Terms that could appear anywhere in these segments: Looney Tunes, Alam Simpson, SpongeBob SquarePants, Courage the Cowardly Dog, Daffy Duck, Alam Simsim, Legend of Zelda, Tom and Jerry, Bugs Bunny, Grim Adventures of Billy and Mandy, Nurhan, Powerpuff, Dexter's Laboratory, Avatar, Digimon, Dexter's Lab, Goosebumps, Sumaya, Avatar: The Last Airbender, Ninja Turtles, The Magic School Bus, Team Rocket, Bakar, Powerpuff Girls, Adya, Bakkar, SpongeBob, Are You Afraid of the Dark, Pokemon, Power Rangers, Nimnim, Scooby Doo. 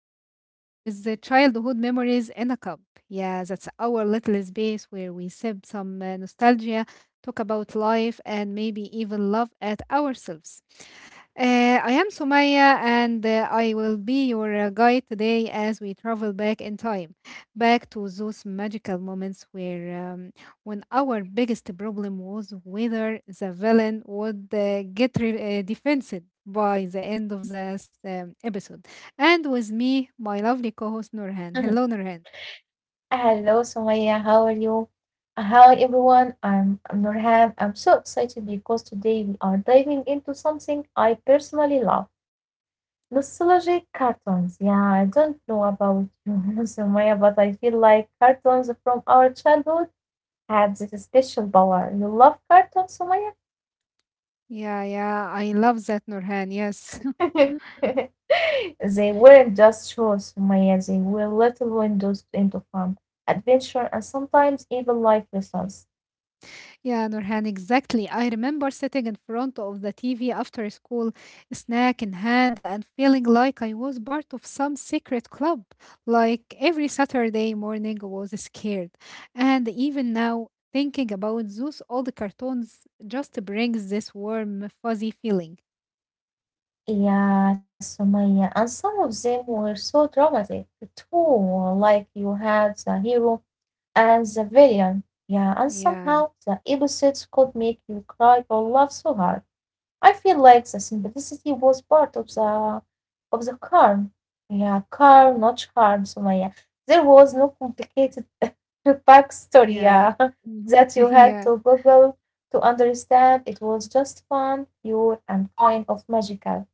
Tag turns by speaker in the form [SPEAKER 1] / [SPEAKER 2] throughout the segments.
[SPEAKER 1] with the Childhood Memories in a Cup. Yeah, that's our little space where we sip some nostalgia, talk about life, and maybe even laugh at ourselves. I am Sumaya, and I will be your guide today as we travel back in time, back to those magical moments where um, when our biggest problem was whether the villain would defensive by the end of this episode. And with me, my lovely co host Nurhan.
[SPEAKER 2] Mhm.
[SPEAKER 1] Hello, Nurhan.
[SPEAKER 2] Hello, Sumaya. How are you? Hi, everyone. I'm Nurhan. I'm so excited because today we are diving into something I personally love nostalgic cartoons. Yeah, I don't know about you, Sumaya, but I feel like cartoons from our childhood had this special power. You love cartoons, Sumaya?
[SPEAKER 1] Yeah, yeah, I love that, Nurhan. Yes.
[SPEAKER 2] They weren't just shows, Sumaya. They were little windows into fun, adventure, and sometimes even life lessons.
[SPEAKER 1] Yeah, Nurhan, exactly. I remember sitting in front of the TV after school, snack in hand, and feeling like I was part of some secret club. Like every Saturday morning was scared. And even now, thinking about those old cartoons just brings this warm, fuzzy feeling.
[SPEAKER 2] Yeah, Sumaya. And some of them were so dramatic too, like you had the hero and the villain. Yeah, and somehow
[SPEAKER 1] Yeah,
[SPEAKER 2] the episodes could make you cry or laugh so hard. I feel like the simplicity was part of the charm. Yeah, charm, not charm, Sumaya. There was no complicated backstory, yeah,
[SPEAKER 1] yeah. Mhm.
[SPEAKER 2] that you had
[SPEAKER 1] yeah.
[SPEAKER 2] to Google to understand. It was just fun, pure, and kind of magical.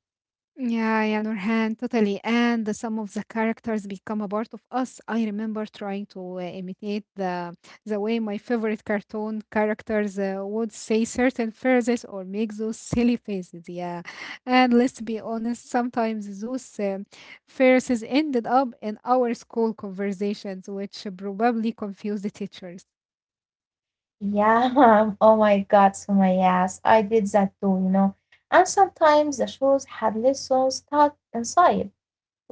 [SPEAKER 1] Yeah, yeah, Nurhan, totally. Some of the characters become a part of us. I remember trying to imitate the way my favorite cartoon characters would say certain phrases or make those silly faces. Yeah, and let's be honest, sometimes those phrases ended up in our school conversations, which probably confused the teachers.
[SPEAKER 2] Yeah, oh my God, so my yes, I did that too, you know. And sometimes the shows had lessons stuck inside,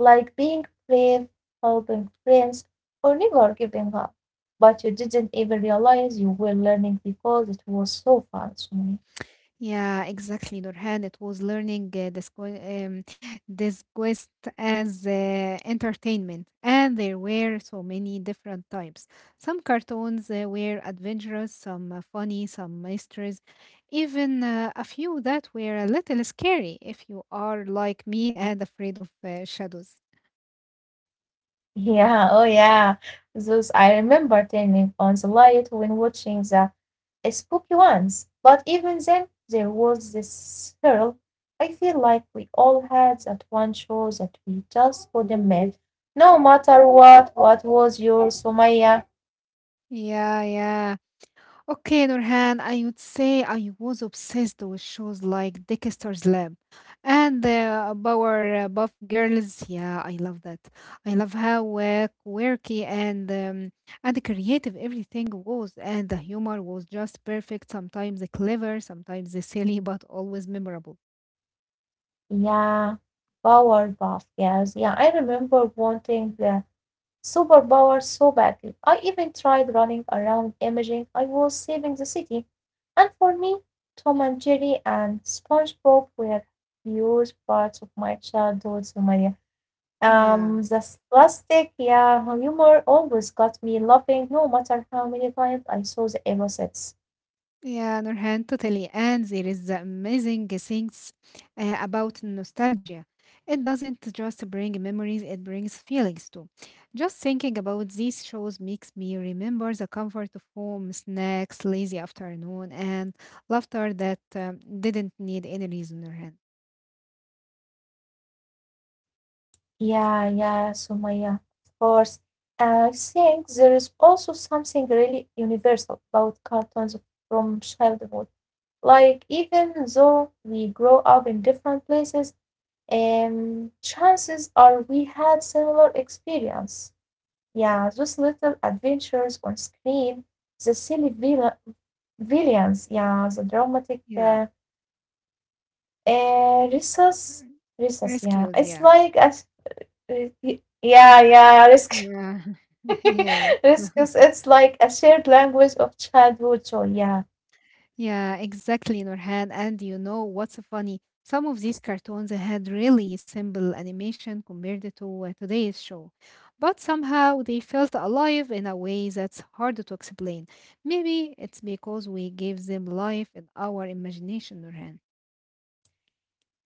[SPEAKER 2] like being brave, helping friends, or never giving up. But you didn't even realize you were learning because it was so fun, to me.
[SPEAKER 1] Yeah, exactly, Nurhan. It was learning um, this quest as entertainment, and there were so many different types. Some cartoons were adventurous, some funny, some mysteries, even a few that were a little scary if you are like me and afraid of shadows.
[SPEAKER 2] Yeah, oh yeah. Those I remember turning on the light when watching the a spooky ones, but even then there was this thrill. I feel like we all had that one show that we just couldn't miss, no matter what. What was yours, Sumaya?
[SPEAKER 1] Yeah, yeah. Okay, Nurhan, I would say I was obsessed with shows like Dexter's Lab and the Power Buff Girls. Yeah, I love that. I love how quirky and and creative everything was, and the humor was just perfect. Sometimes clever, sometimes silly, but always memorable.
[SPEAKER 2] Yeah, power buff, yes. Yeah, I remember wanting the superpower so badly. I even tried running around imaging I was saving the city. And for me, Tom and Jerry and SpongeBob were huge parts of my childhood, Sumaya.
[SPEAKER 1] Yeah.
[SPEAKER 2] The sarcastic, yeah, humor always got me laughing, no matter how many times I saw the emotions.
[SPEAKER 1] Yeah, Nurhan, totally. And there is the amazing things about nostalgia. It doesn't just bring memories, it brings feelings too. Just thinking about these shows makes me remember the comfort of home, snacks, lazy afternoon, and laughter that didn't need any reason, Nurhan.
[SPEAKER 2] Yeah, yeah, Sumaya, of course. I think there is also something really universal about cartoons from childhood. Like, even though we grow up in different places, and chances are we had similar experience. Yeah, those little adventures on screen, the villains, yeah, the dramatic
[SPEAKER 1] Yeah.
[SPEAKER 2] resource, resource, yeah.
[SPEAKER 1] Rescues,
[SPEAKER 2] It's
[SPEAKER 1] yeah.
[SPEAKER 2] like a, s- y- y- yeah, yeah, risk,
[SPEAKER 1] Yeah. yeah.
[SPEAKER 2] risk. It's like a shared language of childhood joy. Yeah,
[SPEAKER 1] Yeah, exactly, Nurhan. And you know what's funny? Some of these cartoons had really simple animation compared to today's show, but somehow they felt alive in a way that's hard to explain. Maybe it's because we gave them life in our imagination, Nurhan.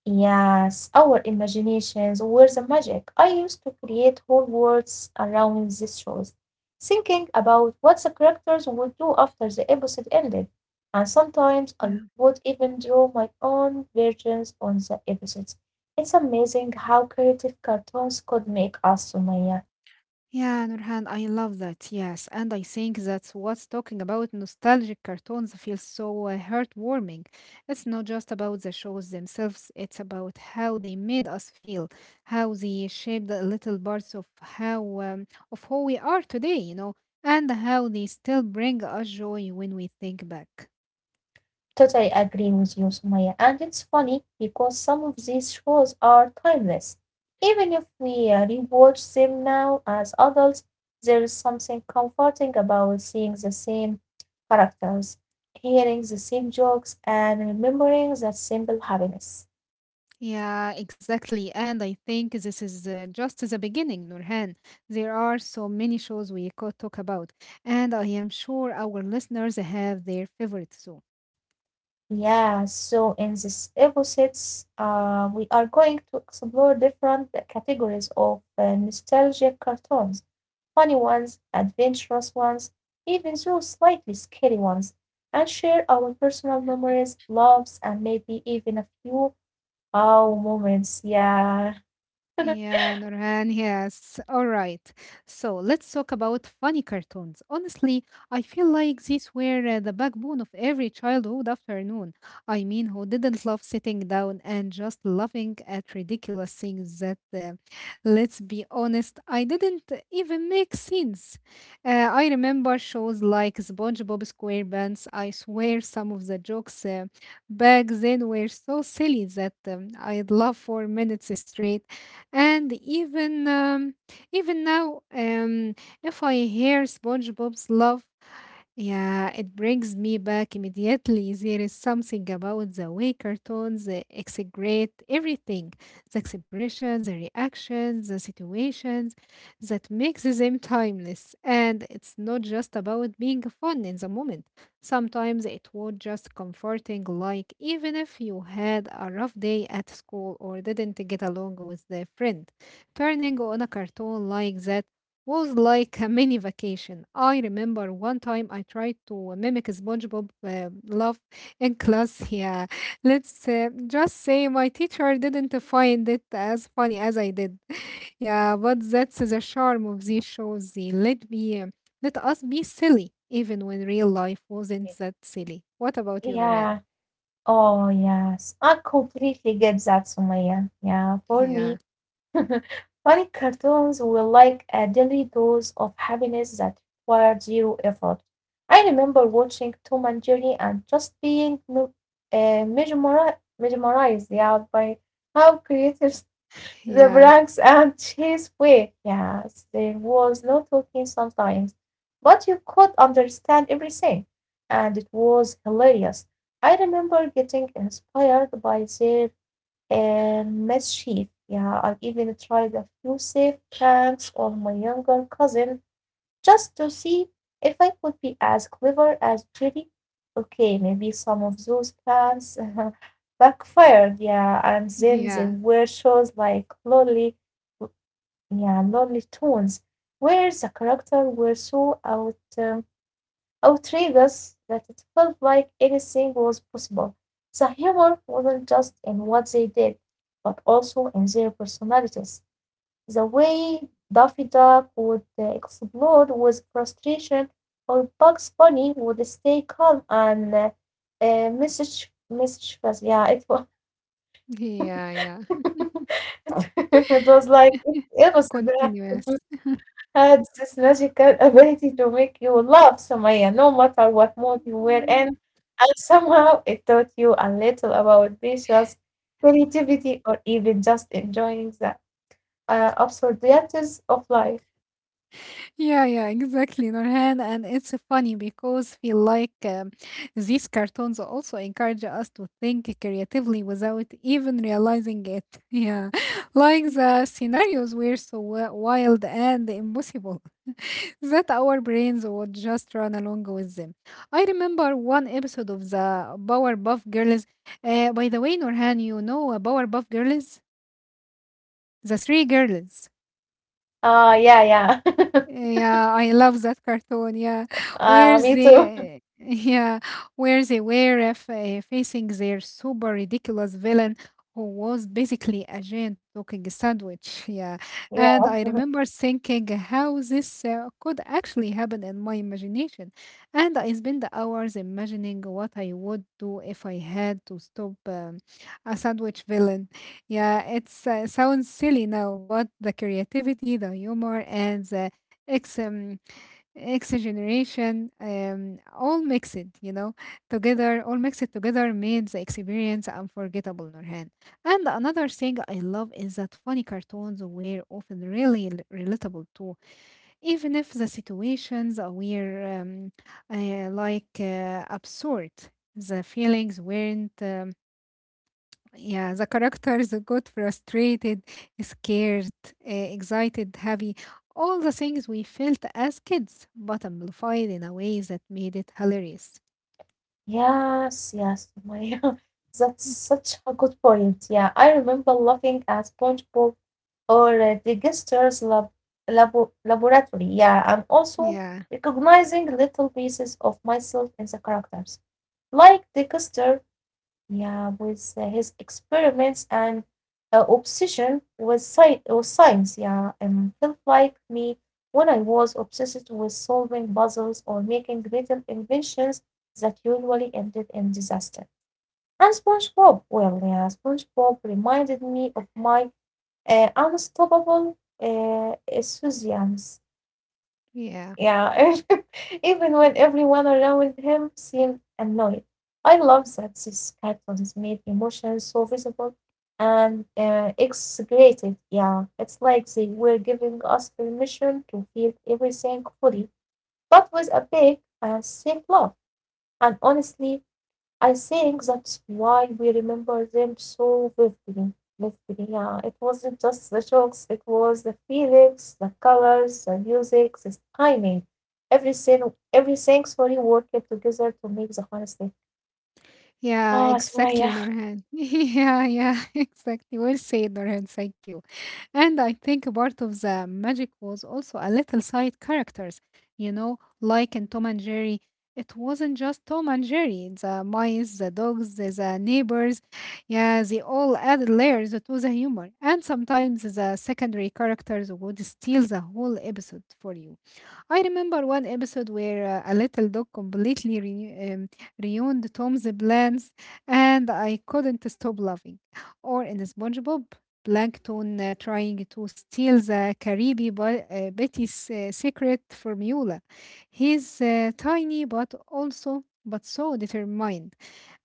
[SPEAKER 2] yes, our imaginations were the magic. I used to create whole worlds around these shows, thinking about what the characters would do after the episode ended. And sometimes I would even draw my own versions on the episodes. It's amazing how creative cartoons could make us, Sumaya.
[SPEAKER 1] Yeah, Nurhan, I love that. Yes, and I think that's what's talking about nostalgic cartoons feels so heartwarming. It's not just about the shows themselves, it's about how they made us feel, how they shaped the little parts of how of who we are today, you know, and how they still bring us joy when we think back.
[SPEAKER 2] Totally agree with you, Sumaya. And it's funny because some of these shows are timeless. Even if we rewatch them now as adults, there is something comforting about seeing the same characters, hearing the same jokes, and remembering that simple happiness.
[SPEAKER 1] Yeah, exactly. And I think this is just the beginning, Nurhan. There are so many shows we could talk about, and I am sure our listeners have their favorites too.
[SPEAKER 2] Yeah, so in this episodes, we are going to explore different categories of nostalgic cartoons. Funny ones, adventurous ones, even those slightly scary ones, and share our personal memories, loves, and maybe even a few "wow" moments. Yeah.
[SPEAKER 1] Yeah, Nurhan, yes. All right. So let's talk about funny cartoons. Honestly, I feel like these were the backbone of every childhood afternoon. I mean, who didn't love sitting down and just laughing at ridiculous things that, let's be honest, I didn't even make sense. I remember shows like SpongeBob SquarePants. I swear some of the jokes back then were so silly that I'd laugh for minutes straight and even now, if I hear SpongeBob's love yeah, it brings me back immediately. There is something about the way cartoons exaggerate everything, the expressions, the reactions, the situations, that makes them timeless. And it's not just about being fun in the moment. Sometimes it was just comforting, like even if you had a rough day at school or didn't get along with a friend, turning on a cartoon like that was like a mini vacation. I remember one time I tried to mimic SpongeBob laugh in class. Yeah, let's just say my teacher didn't find it as funny as I did. Yeah, but that's the charm of these shows. They let let us be silly, even when real life wasn't that silly. What about you, Noran?
[SPEAKER 2] Yeah. Oh, yes. I completely get that, Sumaya. Yeah. For
[SPEAKER 1] Yeah,
[SPEAKER 2] me, funny cartoons were like a daily dose of happiness that required zero effort. I remember watching Tom and Jerry and just mesmerized, yeah, by how creative the
[SPEAKER 1] yeah,
[SPEAKER 2] pranks and cheese were. Yes, there was no talking sometimes, but you could understand everything, and it was hilarious. I remember getting inspired by their and mischief. Yeah, I even tried a few safe pranks on my younger cousin just to see if I could be as clever as Jerry. Okay, maybe some of those plans backfired, yeah, and then there
[SPEAKER 1] yeah,
[SPEAKER 2] were shows like Lonely Tunes, where the characters were so out. Outraged us that it felt like anything was possible. The humor wasn't just in what they did, but also in their personalities. The way Daffy Duck would explode with frustration, or Bugs Bunny would stay calm and message fast. Yeah, it was
[SPEAKER 1] yeah, yeah.
[SPEAKER 2] it was like it was
[SPEAKER 1] Continuous.
[SPEAKER 2] had this magical ability to make you love Sumaya, no matter what mood you were in, and somehow it taught you a little about patience, creativity, or even just enjoying the absurdities of life.
[SPEAKER 1] Yeah, yeah, exactly, Norhan, and it's funny because feel like these cartoons also encourage us to think creatively without even realizing it. Yeah, like the scenarios were so wild and impossible that our brains would just run along with them. I remember one episode of the Powerpuff Girls. By the way, Norhan, you know Powerpuff Girls? The three girls.
[SPEAKER 2] Ah, yeah, yeah.
[SPEAKER 1] Yeah, I love that cartoon. Yeah, where
[SPEAKER 2] Me too.
[SPEAKER 1] they, yeah, where they were facing their super ridiculous villain, who was basically a giant talking sandwich. Yeah, and I remember thinking how this could actually happen in my imagination, and I spent hours imagining what I would do if I had to stop a sandwich villain. Yeah, it's sounds silly now, but the creativity, the humor, and the X um, X generation, all mixed, you know, together, all mixed together made the experience unforgettable, Nurhan. And another thing I love is that funny cartoons were often really relatable too, even if the situations were absurd. The feelings weren't yeah, the characters got frustrated, scared, excited, happy, all the things we felt as kids, but amplified in a way that made it hilarious.
[SPEAKER 2] Yes, yes. That's such a good point. Yeah, I remember looking at SpongeBob or Diggester's lab, laboratory. Yeah, and also
[SPEAKER 1] Yeah,
[SPEAKER 2] recognizing little pieces of myself in the characters. Like Digester, yeah, with his experiments and with science, yeah, and felt like me when I was obsessed with solving puzzles or making little inventions that usually ended in disaster. And SpongeBob, well, yeah, SpongeBob reminded me of my unstoppable enthusiasm.
[SPEAKER 1] yeah,
[SPEAKER 2] Yeah, even when everyone around him seemed annoyed. I love that this cartoons made emotions so visible and exaggerated. Yeah, it's like they were giving us permission to feel everything fully, but with a big, safe love. And honestly, I think that's why we remember them so Yeah, it wasn't just the jokes, it was the feelings, the colors, the music, the timing. Sorry, worked together to make the fun stick.
[SPEAKER 1] yeah,
[SPEAKER 2] Ah, Sumaya.
[SPEAKER 1] exactly,
[SPEAKER 2] Yeah,
[SPEAKER 1] Norhan. yeah, yeah, exactly. Well said, Norhan. Thank you. And I think part of the magic was also a little side characters, you know, like in Tom and Jerry. It wasn't just Tom and Jerry, the mice, the dogs, the neighbors. Yeah, they all added layers to the humor. And sometimes the secondary characters would steal the whole episode for you. I remember one episode where a little dog completely ruined Tom's plans, and I couldn't stop laughing. Or in SpongeBob, Plankton trying to steal the Caribe by, Betty's secret formula. He's tiny, but also but so determined.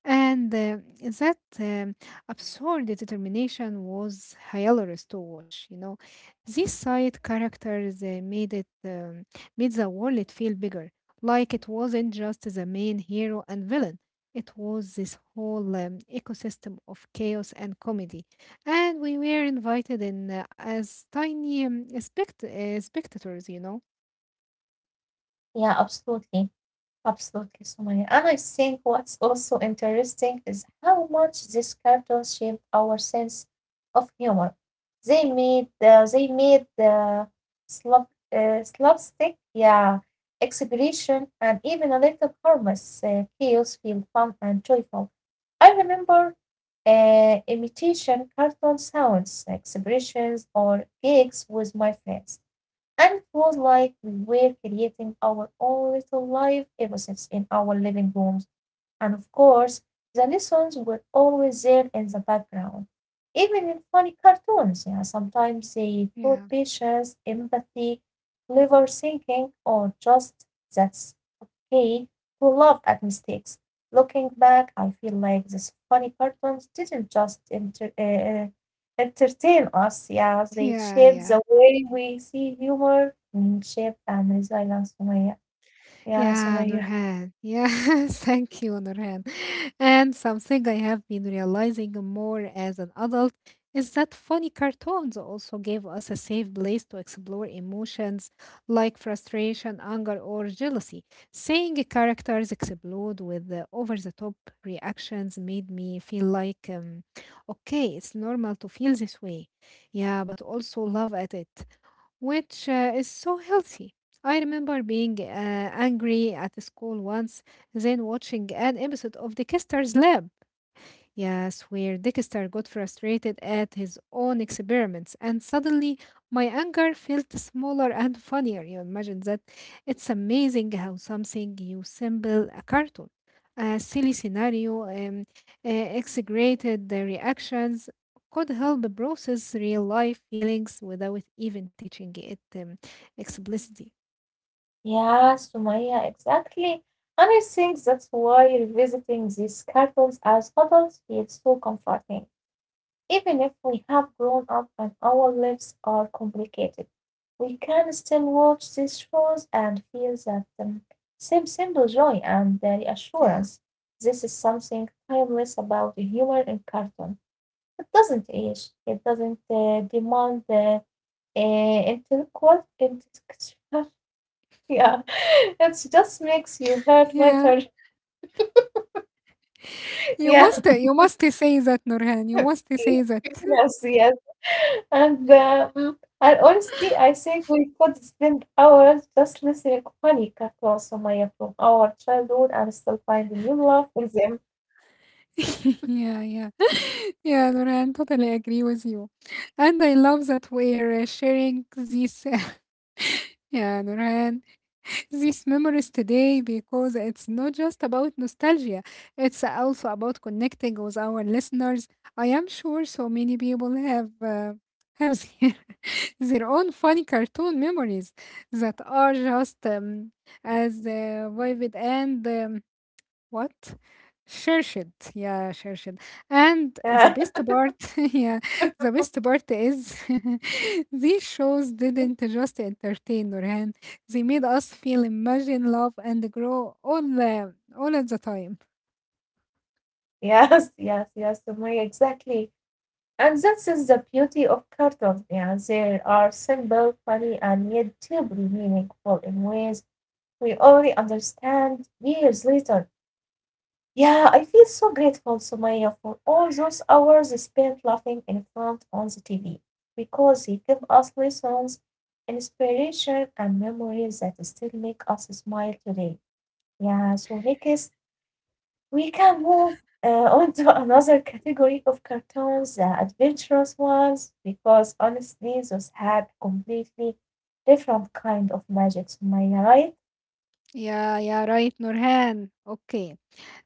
[SPEAKER 1] And that absurd determination was hilarious to watch. You know, these side characters made the world feel bigger, like it wasn't just the main hero and villain. It was this whole ecosystem of chaos and comedy, and we were invited in as tiny spectators. You know.
[SPEAKER 2] yeah, absolutely. Absolutely, Sumaya. And I think what's also interesting is how much these cartoons shaped our sense of humor. They made the slapstick, yeah, exaggeration, and even a little harmless chaos feel fun and joyful. I remember imitation cartoon sounds, expressions, or gigs with my friends. And it was like we were creating our own little life episodes in our living rooms. And of course, the lessons were always there in the background. Even in funny cartoons, yeah, sometimes they
[SPEAKER 1] Yeah,
[SPEAKER 2] taught patience, empathy, clever thinking, or just that's he, who laughed at mistakes. Looking back, I feel like these funny cartoons didn't just entertain us, yeah, they
[SPEAKER 1] yeah,
[SPEAKER 2] shaped
[SPEAKER 1] yeah.
[SPEAKER 2] the way we see humor, friendship, and resilience, Sumaya. Yeah,
[SPEAKER 1] Yeah,
[SPEAKER 2] Sumaya.
[SPEAKER 1] Nurhan. Yeah, thank you, Nurhan. And something I have been realizing more as an adult is that funny cartoons also gave us a safe place to explore emotions like frustration, anger, or jealousy. Seeing characters explode with the over-the-top reactions made me feel like, okay, it's normal to feel this way. Yeah, but also love at it which is so healthy. I remember being angry at school once, then watching an episode of the Kester's Lab. Yes, where Dexter got frustrated at his own experiments, and suddenly my anger felt smaller and funnier. You imagine that? It's amazing how something you simple a cartoon, a silly scenario, exaggerated the reactions could help process real life feelings without even teaching it explicitly.
[SPEAKER 2] Yeah, Sumaya, exactly. And I think that's why revisiting these cartoons as adults feels so comforting. Even if we have grown up and our lives are complicated, we can still watch these shows and feel that same simple joy and
[SPEAKER 1] Yeah.
[SPEAKER 2] reassurance. This is something timeless about humor in cartoon. It doesn't age, it doesn't demand the intellectual intellectual. Yeah, it just makes you hurt later.
[SPEAKER 1] Yeah,
[SPEAKER 2] Yeah.
[SPEAKER 1] you must say that, Nurhan. You must say that.
[SPEAKER 2] Yes, yes. And honestly, I think we could spend hours just listening to funny cartoons, Sumaya, from our childhood and still find new love in them.
[SPEAKER 1] yeah, yeah, yeah, Noran, totally agree with you. And I love that we're sharing this, yeah, Noran, these memories today because it's not just about nostalgia, it's also about connecting with our listeners. I am sure so many people have. Have their, their own funny cartoon memories that are just as vivid and what? Cherched. Yeah, cherched. And the
[SPEAKER 2] Yeah.
[SPEAKER 1] best part, yeah, the best part is these shows didn't just entertain Nurhan. They made us feel, imagine, love, and grow all at the time.
[SPEAKER 2] Yes, yes, yes, Sumaya, exactly. And that is the beauty of cartoons. Yeah, they are simple, funny, and yet deeply meaningful in ways we only understand years later. Yeah, I feel so grateful, Sumaya, for all those hours spent laughing in front on the TV because they give us lessons, inspiration, and memories that still make us smile today. Yeah, so next we can move uh, on to another category of cartoons, the adventurous ones, because honestly, those had completely different kind of magic, Sumaya, right?
[SPEAKER 1] Yeah, yeah, right, Nurhan. Okay,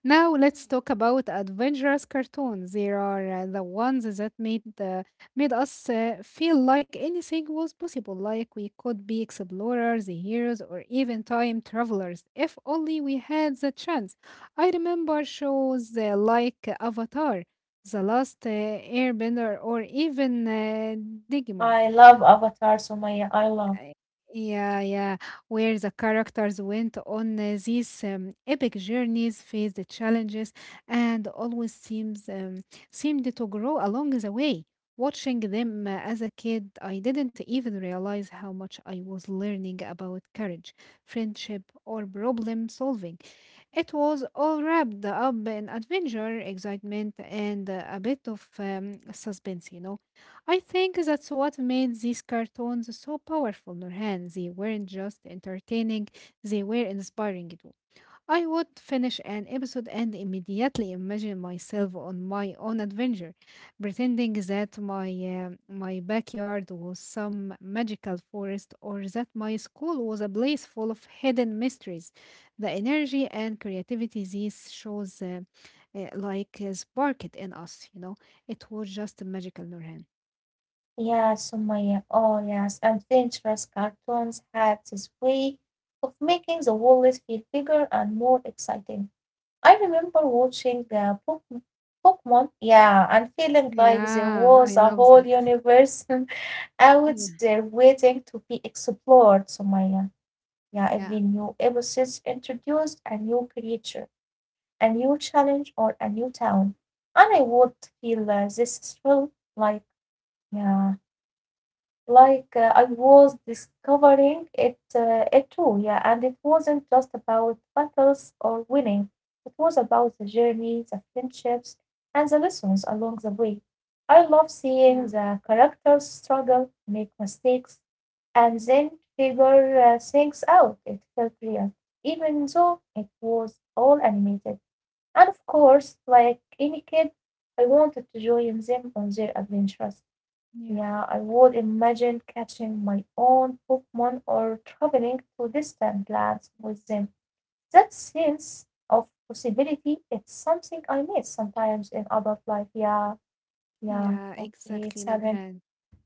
[SPEAKER 1] now let's talk about adventurous cartoons. There are the ones that made us feel like anything was possible, like we could be explorers, heroes, or even time travelers if only we had the chance. I remember shows like Avatar, The Last Airbender, or even Digimon.
[SPEAKER 2] I love Avatar, Sumaya. I love.
[SPEAKER 1] I- Yeah, yeah, where the characters went on these epic journeys, faced the challenges, and always seems seemed to grow along the way. Watching them as a kid, I didn't even realize how much I was learning about courage, friendship, or problem solving. It was all wrapped up in adventure, excitement, and a bit of suspense, you know. I think that's what made these cartoons so powerful, Nurhan. They weren't just entertaining, they were inspiring. I would finish an episode and immediately imagine myself on my own adventure, pretending that my backyard was some magical forest or that my school was a place full of hidden mysteries. The energy and creativity these shows sparked in us. It was just magical, Nurhan.
[SPEAKER 2] Yeah, Sumaya. Oh, yes. Adventurous cartoons had this way of making the world feel bigger and more exciting. I remember watching Pokemon, yeah, and feeling like there
[SPEAKER 1] Yeah, I
[SPEAKER 2] was a
[SPEAKER 1] love
[SPEAKER 2] whole
[SPEAKER 1] that.
[SPEAKER 2] universe out
[SPEAKER 1] Yeah,
[SPEAKER 2] there waiting to be explored, Sumaya. Yeah, every
[SPEAKER 1] yeah,
[SPEAKER 2] new episode introduced a new creature, a new challenge, or a new town. And I would feel this thrill, like, yeah. Like I was discovering it, it too, yeah. And it wasn't just about battles or winning. It was about the journey, the friendships, and the lessons along the way. I love seeing
[SPEAKER 1] yeah,
[SPEAKER 2] the characters struggle, make mistakes, and then figure things out. It felt real, even though it was all animated. And of course, like any kid, I wanted to join them on their adventures.
[SPEAKER 1] yeah,
[SPEAKER 2] Yeah, I would imagine catching my own Pokemon or traveling to distant lands with them. That sense of possibility, it's something I miss sometimes in adult life. Yeah, yeah,
[SPEAKER 1] yeah,
[SPEAKER 2] okay,
[SPEAKER 1] exactly,
[SPEAKER 2] it's happened.
[SPEAKER 1] Nurhan.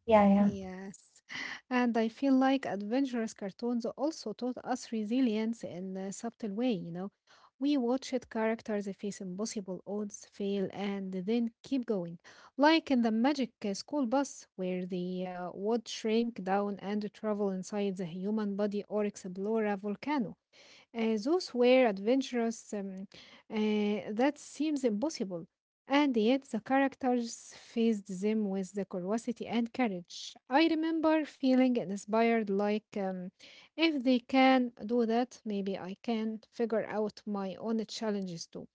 [SPEAKER 2] Yeah, yeah.
[SPEAKER 1] Yes, and I feel like adventurous cartoons also taught us resilience in a subtle way, you know. We watched characters face impossible odds, fail, and then keep going. Like in the magic school bus, where they would shrink down and travel inside the human body or explore a volcano. Those were adventurous. That seems impossible. And yet the characters faced them with the curiosity and courage. I remember feeling inspired, like, if they can do that, maybe I can figure out my own challenges too.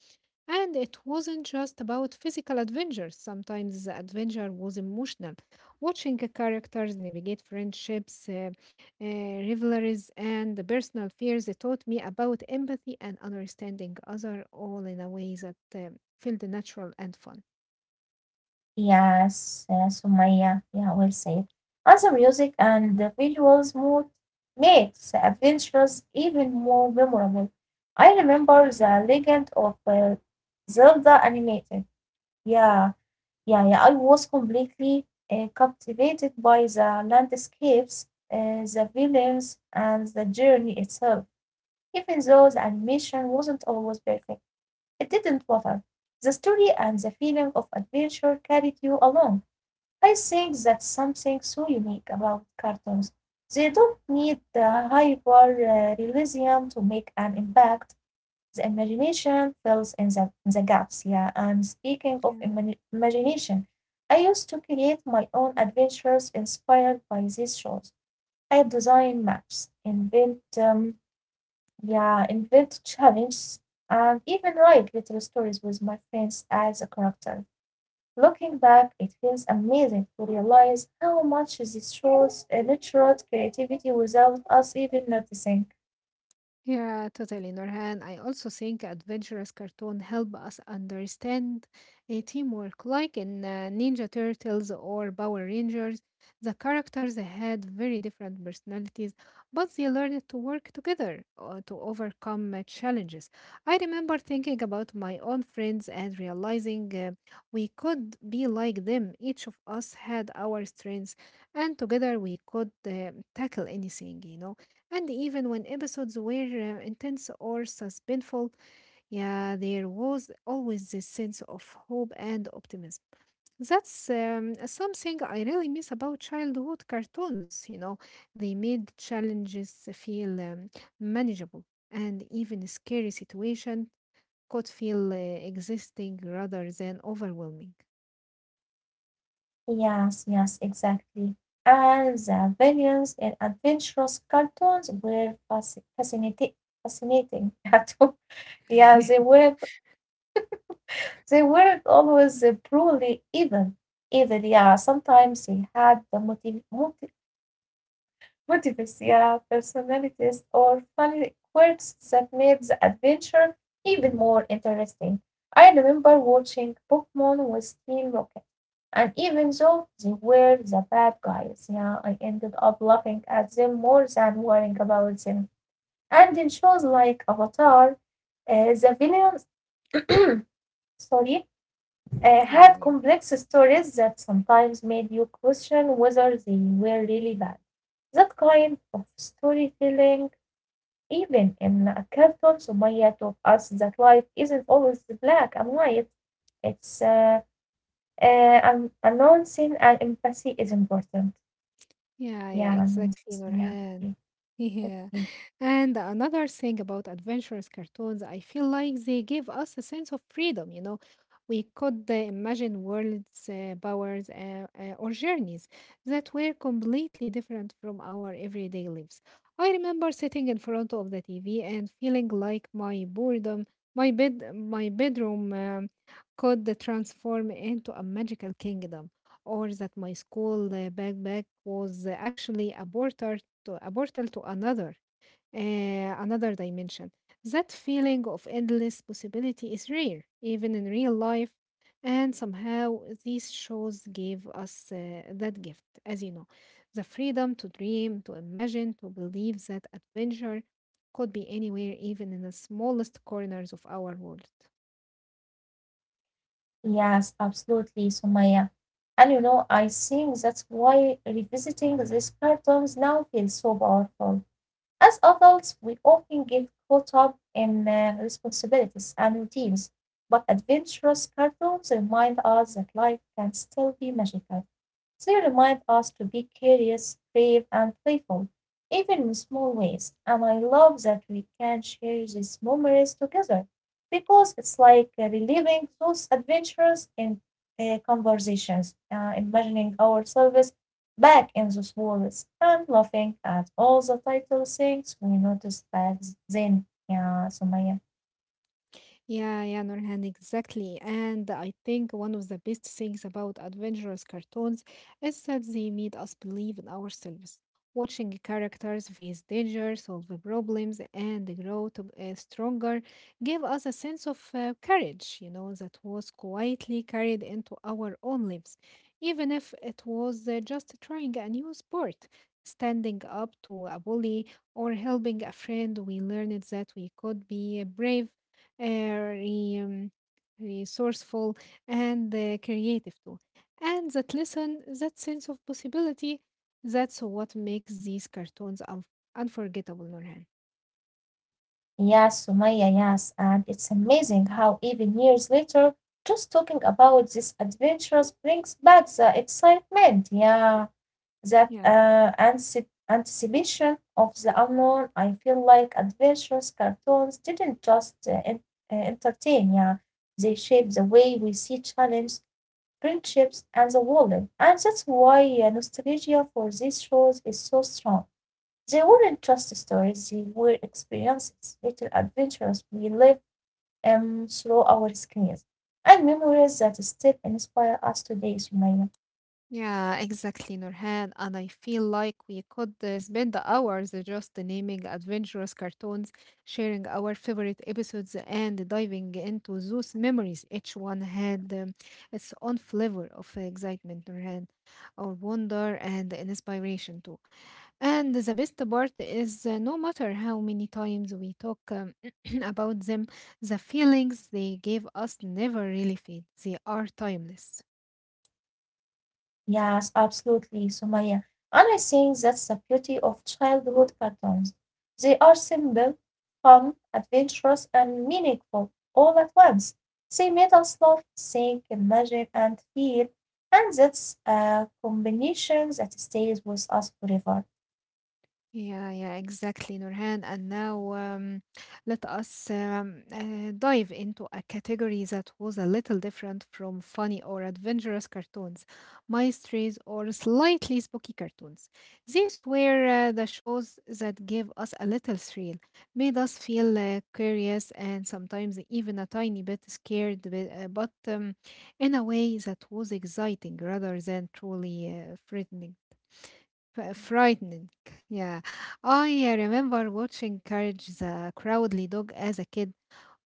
[SPEAKER 1] And it wasn't just about physical adventures. Sometimes the adventure was emotional. Watching the characters navigate friendships, uh, rivalries, and the personal fears it taught me about empathy and understanding other all in a way that felt natural and fun.
[SPEAKER 2] Yes, Sumaya, yeah, we'll say it. And the music and the visuals mood makes the adventures even more memorable. I remember the Legend of Zelda animated. Yeah. Yeah, yeah, I was completely captivated by the landscapes, the villains, and the journey itself. Even though the animation wasn't always perfect, it didn't matter. The story and the feeling of adventure carried you along. I think that's something so unique about cartoons. They don't need the hyper realism to make an impact. The imagination fills in the gaps. Yeah, and speaking of
[SPEAKER 1] Yeah.
[SPEAKER 2] imagination, I used to create my own adventures inspired by these shows. I design maps, invent challenges, and even write little stories with my friends as a character. Looking back, it feels amazing to realize how much these shows nurtured creativity without us even noticing.
[SPEAKER 1] Yeah, totally, Nurhan. I also think adventurous cartoon help us understand a teamwork, like in Ninja Turtles or Power Rangers. The characters had very different personalities, but they learned to work together to overcome challenges. I remember thinking about my own friends and realizing we could be like them. Each of us had our strengths, and together we could tackle anything, you know. And even when episodes were intense or suspenseful, yeah, there was always this sense of hope and optimism. That's something I really miss about childhood cartoons. You know, they made challenges feel manageable, and even scary situation could feel existing rather than overwhelming.
[SPEAKER 2] Yes, yes, exactly. And the villains in adventurous cartoons were fascinating. Yeah, too. Yeah, they weren't always purely evil. Evil, yeah. Sometimes they had motives, yeah, personalities, or funny quirks that made the adventure even more interesting. I remember watching Pokemon with Team Rocket, and even though they were the bad guys, yeah, I ended up laughing at them more than worrying about them. And in shows like Avatar, the villains, sorry,
[SPEAKER 1] yeah,
[SPEAKER 2] had complex stories that sometimes made you question whether they were really bad. That kind of storytelling, even in a cartoon, Sumaya taught us that life isn't always black and white. It's An announcing and empathy is important.
[SPEAKER 1] Yeah,
[SPEAKER 2] Yeah,
[SPEAKER 1] exactly,
[SPEAKER 2] announcing. Yeah,
[SPEAKER 1] Nurhan.
[SPEAKER 2] okay,
[SPEAKER 1] Yeah.
[SPEAKER 2] okay.
[SPEAKER 1] And another thing about adventurous cartoons, I feel like they give us a sense of freedom, you know. We could imagine worlds, powers, or journeys that were completely different from our everyday lives. I remember sitting in front of the TV and feeling like my my bedroom could transform into a magical kingdom or that my school backpack was actually a portal a portal to another uh, another dimension. That feeling of endless possibility is rare, even in real life, and somehow these shows gave us that gift, as you know, the freedom to dream, to imagine, to believe that adventure could be anywhere, even in the smallest corners of our world.
[SPEAKER 2] Yes, absolutely, Sumaya. And you know, I think that's why revisiting these cartoons now feels so powerful. As adults, we often get caught up in responsibilities and routines, but adventurous cartoons remind us that life can still be magical. They remind us to be curious, brave, and playful, even in small ways, and I love that we can share these memories together because it's like reliving those adventures in conversations, imagining ourselves back in those worlds and laughing at all the little things we noticed back then. Yeah, Sumaya.
[SPEAKER 1] Yeah, Nurhan, exactly. And I think one of the best things about adventurous cartoons is that they made us believe in ourselves. Watching characters face danger, solve the problems, and grow to be stronger gave us a sense of courage, you know, that was quietly carried into our own lives. Even if it was just trying a new sport, standing up to a bully, or helping a friend, we learned that we could be brave uh, re- um, resourceful, and creative too. And that lesson, that sense of possibility, that's what makes these cartoons unforgettable, Nurhan.
[SPEAKER 2] Yes, Sumaya, yes. And it's amazing how even years later, just talking about these adventures brings back the excitement, yeah, that
[SPEAKER 1] Yeah.
[SPEAKER 2] anticipation of the unknown. I feel like adventures cartoons didn't just entertain, yeah. They shape the way we see challenge, friendships, and the world. And that's why nostalgia for these shows is so strong. They weren't just stories, they were experiences, little adventures we live, through our screens, and memories that still inspire us today, Sumaya.
[SPEAKER 1] Yeah, exactly, Nurhan. And I feel like we could spend the hours just naming adventurous cartoons, sharing our favorite episodes, and diving into those memories. Each one had its own flavor of excitement, Nurhan, or wonder and inspiration too. And the best part is, no matter how many times we talk about them, the feelings they gave us never really fade. They are timeless.
[SPEAKER 2] Yes, absolutely, Sumaya. And I think that's the beauty of childhood cartoons. They are simple, fun, adventurous, and meaningful all at once. They made us laugh, think, imagine, and feel, and that's a combination that stays with us forever.
[SPEAKER 1] Yeah, exactly, Nurhan. And now let us dive into a category that was a little different from funny or adventurous cartoons, mysteries, or slightly spooky cartoons. These were the shows that gave us a little thrill, made us feel curious, and sometimes even a tiny bit scared, but in a way that was exciting rather than truly frightening. Frightening. Yeah. I remember watching Courage the Cowardly Dog as a kid.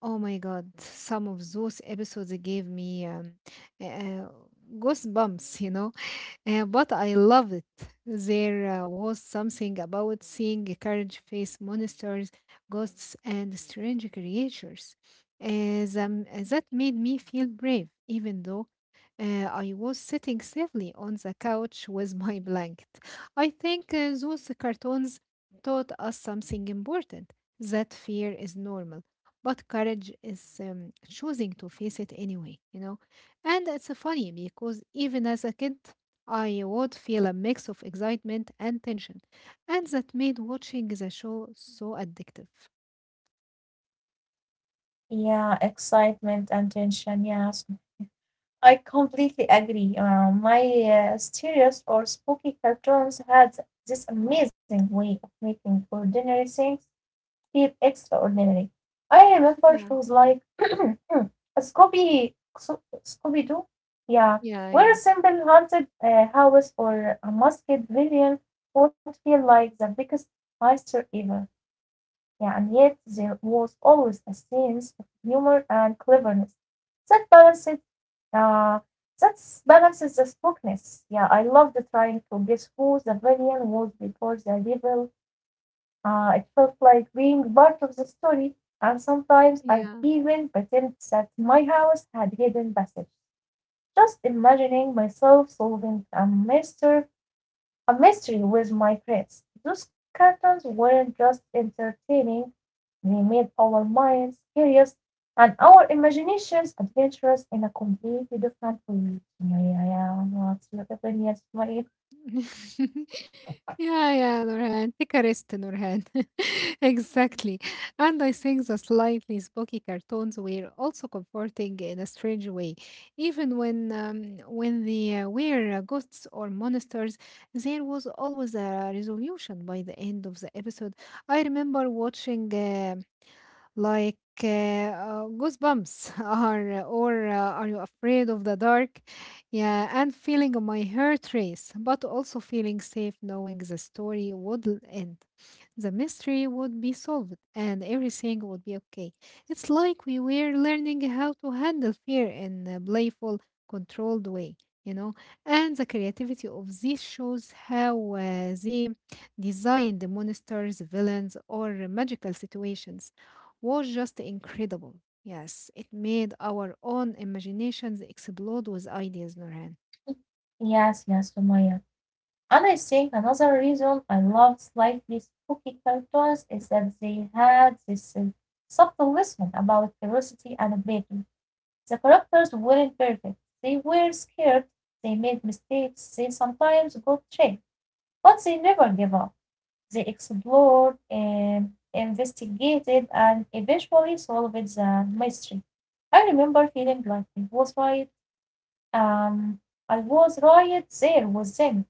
[SPEAKER 1] Oh my God. Some of those episodes gave me uh, goosebumps, you know, but I loved it. There was something about seeing a courage face monsters, ghosts, and strange creatures. As, um, that made me feel brave, even though I was sitting safely on the couch with my blanket. I think those cartoons taught us something important that fear is normal, but courage is choosing to face it anyway, you know. And it's funny because even as a kid, I would feel a mix of excitement and tension, and that made watching the show so addictive.
[SPEAKER 2] Yeah, excitement and tension. Yes, I completely agree. My serious or spooky cartoons had this amazing way of making ordinary things feel extraordinary. I remember
[SPEAKER 1] Yeah,
[SPEAKER 2] shows like Scooby Scooby Doo. Yeah,
[SPEAKER 1] yeah,
[SPEAKER 2] where a
[SPEAKER 1] yeah,
[SPEAKER 2] simple haunted house or a masked villain would feel like the biggest monster ever. Yeah, and yet there was always a sense of humour and cleverness that balanced uh, that balances the spookiness. Yeah, I loved trying to guess who the villain was before the reveal. It felt like being part of the story, and sometimes I'd
[SPEAKER 1] yeah.
[SPEAKER 2] even pretend that my house had hidden passages. Just imagining myself solving a mystery with my friends. Those cartoons weren't just entertaining; they made our minds curious and our imaginations adventurous in a completely different way. Sumaya, yeah, yeah. What's your opinion, Sumaya?
[SPEAKER 1] Yeah, Nurhan. Take a rest, Nurhan. Exactly. And I think the slightly spooky cartoons were also comforting in a strange way. Even when when they were ghosts or monsters, there was always a resolution by the end of the episode. I remember watching. Like, goosebumps are or are you afraid of the dark, yeah, and feeling my heart race but also feeling safe knowing the story would end, the mystery would be solved and everything would be okay. It's like we were learning how to handle fear in a playful controlled way, you know. And the creativity of these shows, how they designed the monsters, villains or magical situations was just incredible. Yes, it made our own imaginations explode with ideas, Nurhan.
[SPEAKER 2] Yes, yes, Sumaya. And I think another reason I love slightly spooky cartoons is that they had this subtle lesson about curiosity and playfulness. The characters weren't perfect, they were scared, they made mistakes, they sometimes got tricked, but they never gave up. They explored and investigated and eventually solved the mystery. I remember feeling like I was right. Um, I was right there with them,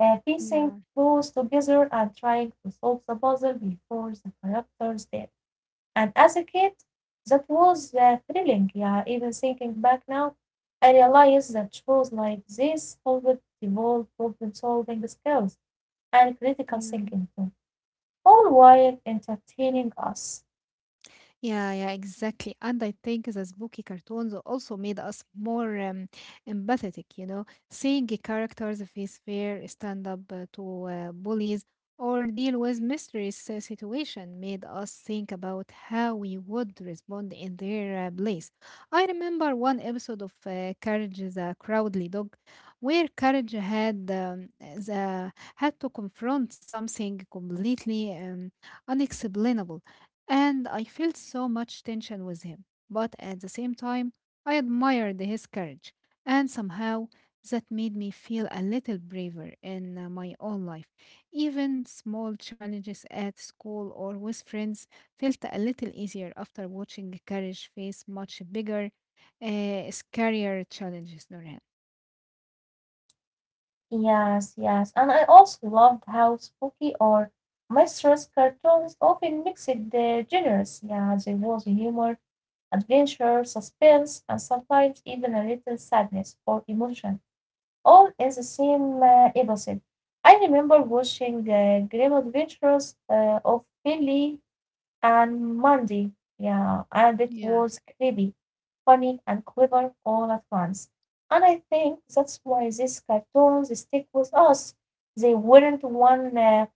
[SPEAKER 2] piecing
[SPEAKER 1] Yeah,
[SPEAKER 2] clues together and trying to solve the puzzle before the characters did. And as a kid, that was thrilling. Yeah, even thinking back now, I realize that shows like this helped develop problem solving skills and critical
[SPEAKER 1] yeah.
[SPEAKER 2] thinking too, all while entertaining us.
[SPEAKER 1] Yeah, exactly. And I think the spooky cartoons also made us more empathetic, you know, seeing the characters face fear, stand up to bullies, or deal with mysterious situation made us think about how we would respond in their place. I remember one episode of Courage the Cowardly Dog, where Courage had had to confront something completely unexplainable and I felt so much tension with him. But at the same time, I admired his courage, and somehow that made me feel a little braver in my own life. Even small challenges at school or with friends felt a little easier after watching courage face much bigger, uh, scarier challenges, Nurhan.
[SPEAKER 2] Yes, yes. And I also loved how spooky or mysterious cartoons often mixed the genres. Yeah, there was humor, adventure, suspense, and sometimes even a little sadness or emotion. All in the same episode. I remember watching Grim Adventures of Billy and Mandy. Yeah, and it was
[SPEAKER 1] Yeah,
[SPEAKER 2] creepy, funny, and clever all at once. And I think that's why these cartoons stick with us. They weren't one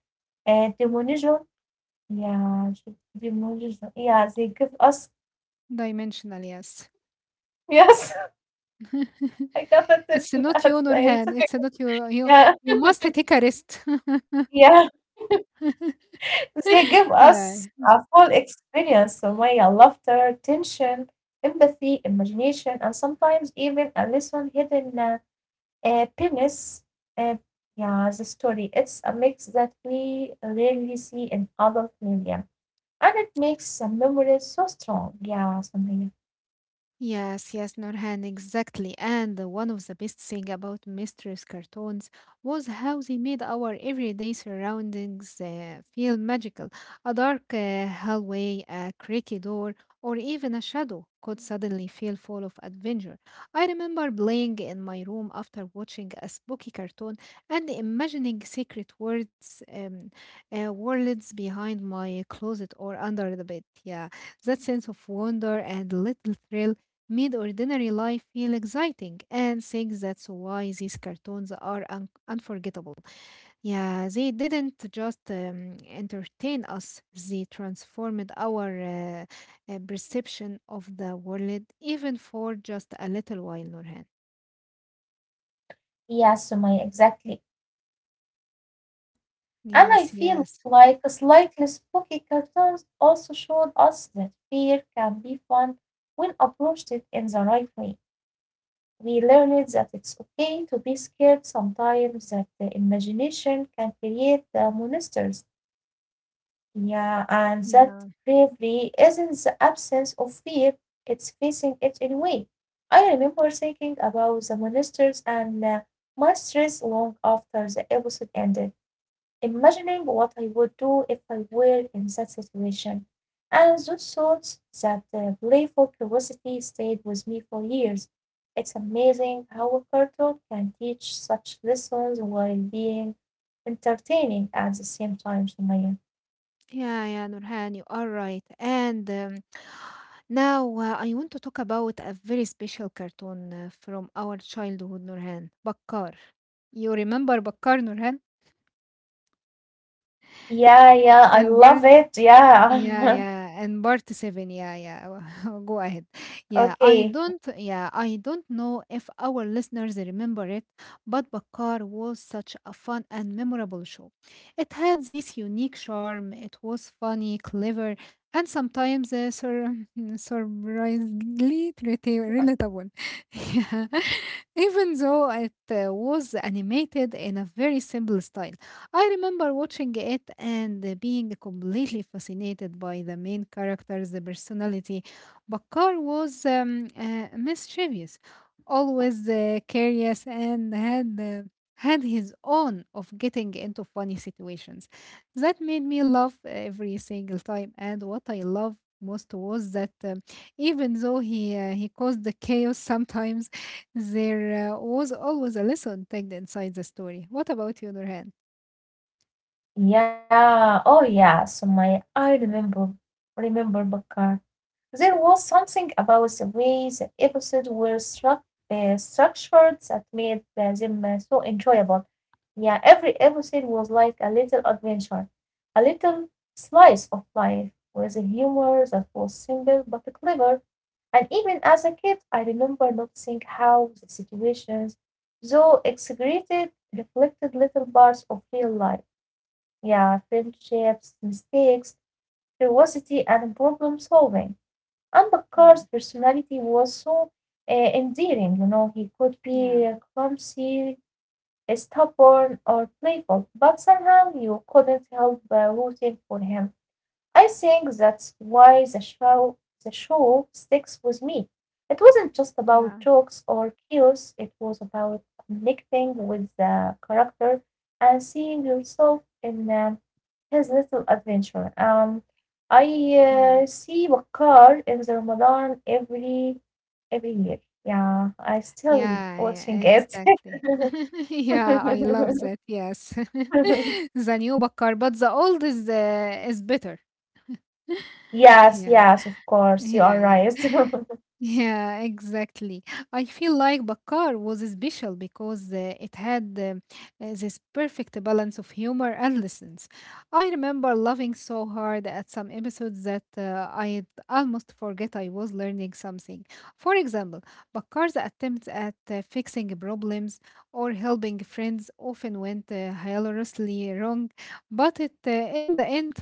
[SPEAKER 2] Demonism. Yeah, demonism. Yeah, they give us.
[SPEAKER 1] dimensional, yes.
[SPEAKER 2] Yes, I got that
[SPEAKER 1] It's not you,
[SPEAKER 2] at the end.
[SPEAKER 1] Nurhan. It's not you. You,
[SPEAKER 2] Yeah.
[SPEAKER 1] you must take a rest.
[SPEAKER 2] Yeah. They give
[SPEAKER 1] yeah.
[SPEAKER 2] us a full experience, Sumaya, laughter, tension, empathy, imagination, and sometimes even a lesson hidden penis. Uh, yeah, the story. It's a mix that we rarely see in adult media. And it makes the memories so strong. Yeah, Sumaya.
[SPEAKER 1] Yes, yes, Nurhan, exactly. And one of the best thing about mistress cartoons was how they made our everyday surroundings feel magical. A dark hallway, a creaky door, or even a shadow could suddenly feel full of adventure. I remember playing in my room after watching a spooky cartoon and imagining secret worlds behind my closet or under the bed. Yeah, that sense of wonder and little thrill made ordinary life feel exciting and think that's why these cartoons are unforgettable. Yeah, they didn't just entertain us, they transformed our perception of the world even for just a little while, Nurhan.
[SPEAKER 2] Yeah, Sumaya, exactly. And I
[SPEAKER 1] Yes,
[SPEAKER 2] feel
[SPEAKER 1] yes.
[SPEAKER 2] like slightly spooky cartoons also showed us that fear can be fun when approached it in the right way. We learned that it's okay to be scared sometimes, that the imagination can create the monsters, yeah, and that
[SPEAKER 1] Yeah.
[SPEAKER 2] bravery isn't the absence of fear, it's facing it anyway. I remember thinking about the monsters and my stress long after the episode ended imagining what I would do if I were in that situation, and those thoughts, that playful curiosity, stayed with me for years. It's amazing how a cartoon can teach such lessons while being entertaining at the same time, Sumaya.
[SPEAKER 1] Yeah, Nurhan, you are right. And now I want to talk about a very special cartoon from our childhood, Nurhan. Bakkar. You remember Bakkar, Nurhan?
[SPEAKER 2] Yeah, yeah, I
[SPEAKER 1] And
[SPEAKER 2] love it.
[SPEAKER 1] Yeah,
[SPEAKER 2] Yeah.
[SPEAKER 1] yeah, and part seven. Yeah, yeah. Go ahead.
[SPEAKER 2] Okay.
[SPEAKER 1] Yeah, I don't know if our listeners remember it, but Bakar was such a fun and memorable show. It had this unique charm. It was funny, clever, and sometimes surprisingly relatable. yeah, even though it was animated in a very simple style. I remember watching it and being completely fascinated by the main character's personality. Bakar was mischievous, always curious, and had had his own of getting into funny situations. That made me laugh every single time. And what I love most was that even though he he caused the chaos sometimes, there was always a lesson tagged inside the story. What about you, Nurhan?
[SPEAKER 2] Yeah. Oh, yeah, Sumaya. Remember Bakar. There was something about the way the episodes were structured that made them so enjoyable. Yeah, every episode was like a little adventure, a little slice of life with a humor that was simple but clever. And even as a kid, I remember noticing how the situations, though exaggerated, reflected little parts of real life. Yeah, friendships, mistakes, curiosity, and problem solving. And
[SPEAKER 1] Yeah.
[SPEAKER 2] Ambedkar's personality was so endearing, you know, he could
[SPEAKER 1] Yeah,
[SPEAKER 2] be clumsy, stubborn, or playful, but somehow you couldn't help rooting for him. I think that's why the show sticks with me. It wasn't just
[SPEAKER 1] yeah,
[SPEAKER 2] about jokes or chaos, it was about connecting with the character and seeing yourself in his little adventure. Um, I
[SPEAKER 1] yeah,
[SPEAKER 2] uh, see Bakar in the Ramadan every year. Yeah, I still
[SPEAKER 1] yeah,
[SPEAKER 2] watching it.
[SPEAKER 1] exactly. Yeah, I love that. Yes. The new Bakkar, but the old is better.
[SPEAKER 2] Yes,
[SPEAKER 1] Yeah,
[SPEAKER 2] yes, of course, you are
[SPEAKER 1] yeah,
[SPEAKER 2] right.
[SPEAKER 1] yeah. Yeah, exactly. I feel like Bakar was special because it had this perfect balance of humor and lessons. I remember laughing so hard at some episodes that I'd almost forget I was learning something. For example, Bakar's attempts at fixing problems or helping friends often went hilariously wrong, but it, in the end,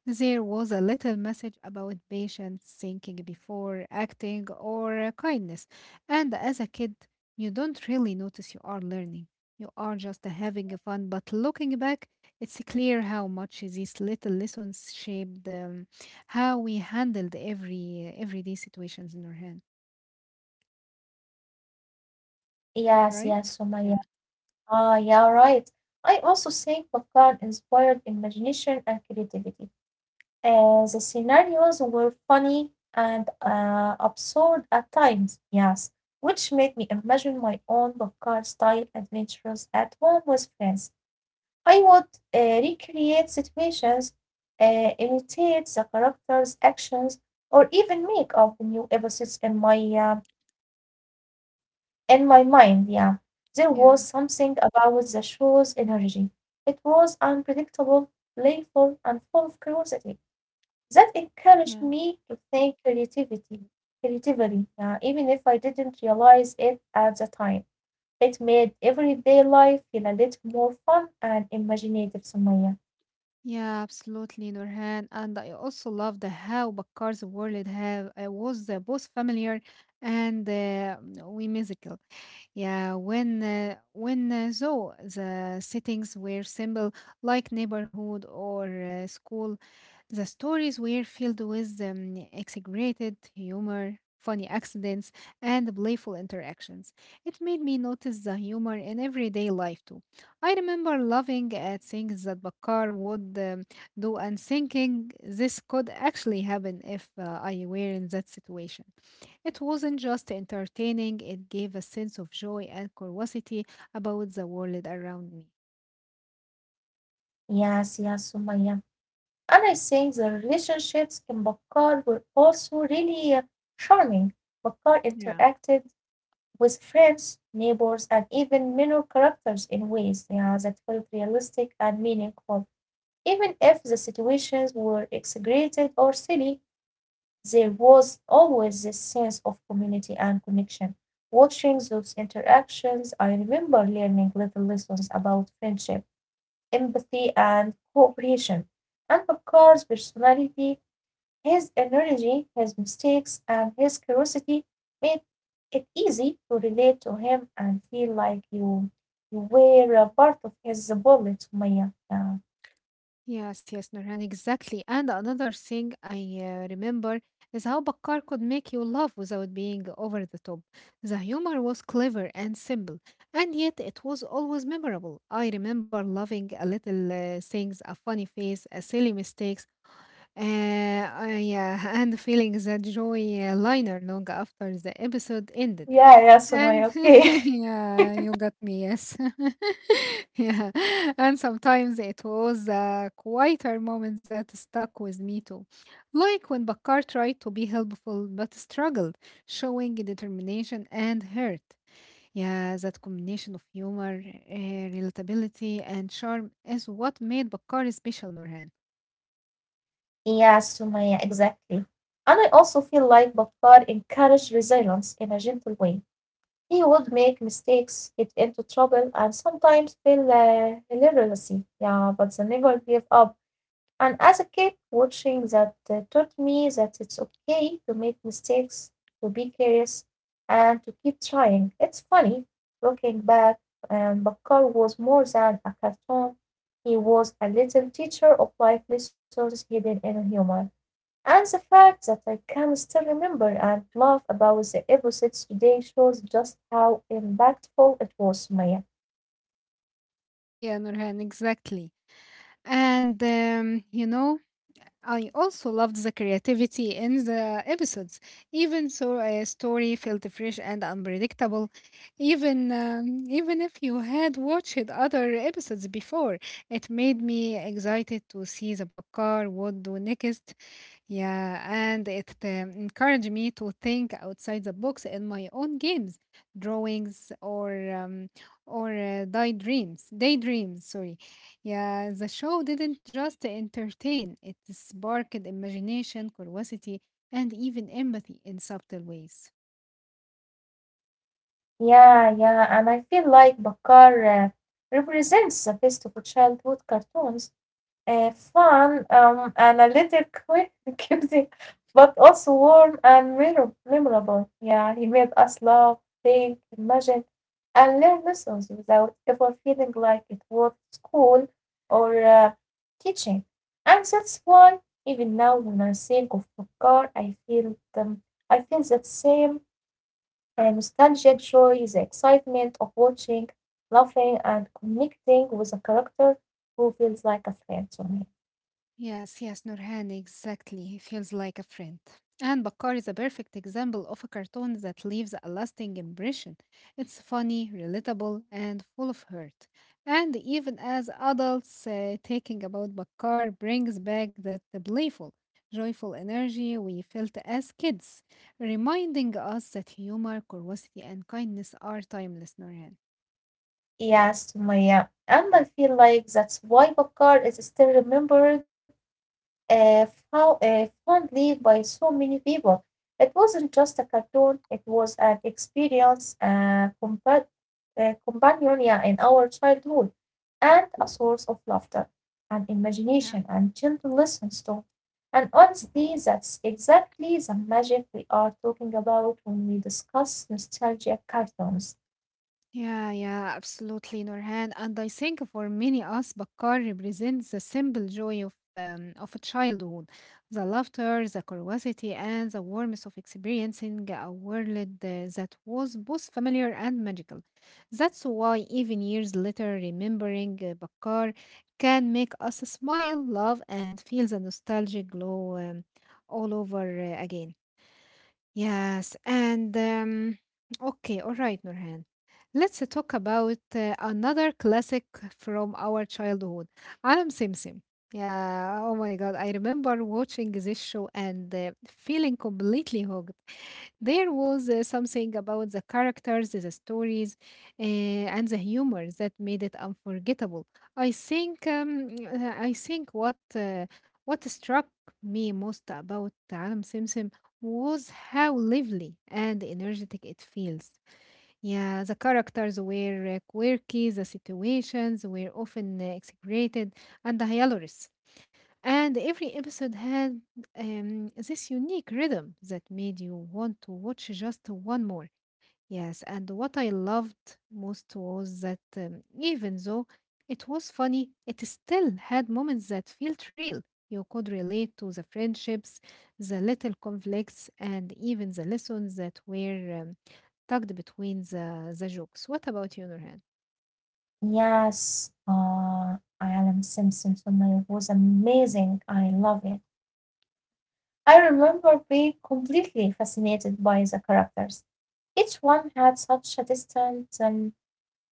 [SPEAKER 1] there was a little message about patience, thinking before acting, or kindness. And as a kid, you don't really notice you are learning. You are just having a fun. But looking back, it's clear how much these little lessons shaped how we handled every everyday situations in our hand.
[SPEAKER 2] Yes, yes,
[SPEAKER 1] Right?
[SPEAKER 2] so my.
[SPEAKER 1] Yeah.
[SPEAKER 2] Ah, yeah, right. I also think Bakar inspired imagination and creativity. The scenarios were funny and absurd at times, yes, which made me imagine my own Bakar style adventures at home with friends. I would recreate situations, imitate the characters' actions, or even make up new episodes in my mind, yeah, there
[SPEAKER 1] Yeah.
[SPEAKER 2] was something about the show's energy. It was unpredictable, playful, and full of curiosity. That encouraged
[SPEAKER 1] Yeah.
[SPEAKER 2] me to creatively, yeah, even if I didn't realize it at the time. It made everyday life feel a little more fun and imaginative, Sumaya.
[SPEAKER 1] Yeah, absolutely, Nurhan. And I also love the how Bakkar's world have was both familiar and whimsical. Yeah, when though the settings were simple, like neighborhood or school, the stories were filled with exaggerated humor, funny accidents, and playful interactions. It made me notice the humor in everyday life too. I remember laughing at things that Bakar would do and thinking this could actually happen if I were in that situation. It wasn't just entertaining, it gave a sense of joy and curiosity about the world around me.
[SPEAKER 2] Yes, yes, Sumaya. And I think the relationships in Bakar were also really charming. Bakar
[SPEAKER 1] Yeah.
[SPEAKER 2] interacted with friends, neighbors, and even minor characters in ways yeah, that felt realistic and meaningful. Even if the situations were exaggerated or silly, there was always this sense of community and connection. Watching those interactions, I remember learning little lessons about friendship, empathy, and cooperation, and of course, personality. His energy, his mistakes, and his curiosity made it easy to relate to him and feel like you were a part of his world, Sumaya. Yeah.
[SPEAKER 1] Yes, yes, Nurhan, exactly. And another thing I remember is how Bakar could make you laugh without being over the top. The humor was clever and simple, and yet it was always memorable. I remember loving a little things, a funny face, a silly mistakes, and feeling that joy liner long after the episode ended.
[SPEAKER 2] Yeah, yeah,
[SPEAKER 1] And
[SPEAKER 2] Sumaya, okay.
[SPEAKER 1] yeah, you got me, yes. Yeah. And sometimes it was the quieter moments that stuck with me too. Like when Bakar tried to be helpful but struggled, showing determination and hurt. Yeah, that combination of humor, relatability, and charm is what made Bakar special, Nurhan.
[SPEAKER 2] Yes, Sumaya, exactly. And I also feel like Bakar encouraged resilience in a gentle way. He would make mistakes, get into trouble, and sometimes feel illiteracy. Yeah, but they never gave up. And as a kid, watching that taught me that it's okay to make mistakes, to be curious, and to keep trying. It's funny looking back, Bakar was more than a cartoon. He was a little teacher of life lessons hidden in humor. And the fact that I can still remember and laugh about the episodes today shows just how impactful it was, Maya.
[SPEAKER 1] Yeah, Nurhan, exactly. And you know, I also loved the creativity in the episodes, even so a story felt fresh and unpredictable. Even if you had watched other episodes before, it made me excited to see the Bakar would do next. Yeah, and it encouraged me to think outside the box in my own games, drawings, or daydreams. Sorry. Yeah, the show didn't just entertain, it sparked imagination, curiosity, and even empathy in subtle ways.
[SPEAKER 2] Yeah, yeah, and I feel like Bakar represents the best of childhood cartoons. Fun, analytical, confusing, but also warm and memorable. Yeah, he made us laugh, think, imagine, and learn lessons without ever feeling like it was school or teaching. And that's why even now when I think of Bakar, I feel them. I feel that same nostalgia, joy, the excitement of watching, laughing, and connecting with a character who feels like a friend to me.
[SPEAKER 1] Yes, yes, Nurhan, exactly. He feels like a friend. And Bakar is a perfect example of a cartoon that leaves a lasting impression. It's funny, relatable, and full of hurt. And even as adults, thinking about Bakar brings back that playful, joyful energy we felt as kids, reminding us that humor, curiosity, and kindness are timeless, Nurhan.
[SPEAKER 2] Yes, Sumaya. And I feel like that's why Bakar is still remembered fondly by so many people. It wasn't just a cartoon, it was an experience, companion yeah, in our childhood, and a source of laughter and imagination and gentle lessons too. And honestly, that's exactly the magic we are talking about when we discuss nostalgia cartoons.
[SPEAKER 1] Yeah, yeah, absolutely, Nurhan. And I think for many us, Bakkar represents the simple joy of a childhood, the laughter, the curiosity, and the warmth of experiencing a world that was both familiar and magical. That's why even years later, remembering Bakkar can make us smile, love, and feel the nostalgic glow all over again. Yes, and okay, all right, Nurhan. Let's talk about another classic from our childhood. Alam Simsim. Yeah, oh my God, I remember watching this show and feeling completely hooked. There was something about the characters, the stories, and the humor that made it unforgettable. I think what struck me most about Alam Simsim was how lively and energetic it feels. Yeah, the characters were quirky, the situations were often exaggerated and hilarious. And every episode had this unique rhythm that made you want to watch just one more. Yes, and what I loved most was that even though it was funny, it still had moments that felt real. You could relate to the friendships, the little conflicts, and even the lessons that were tucked between the jokes. What about you, Nurhan?
[SPEAKER 2] Yes, Alan Simpson familiar was amazing. I love it. I remember being completely fascinated by the characters. Each one had such a distant,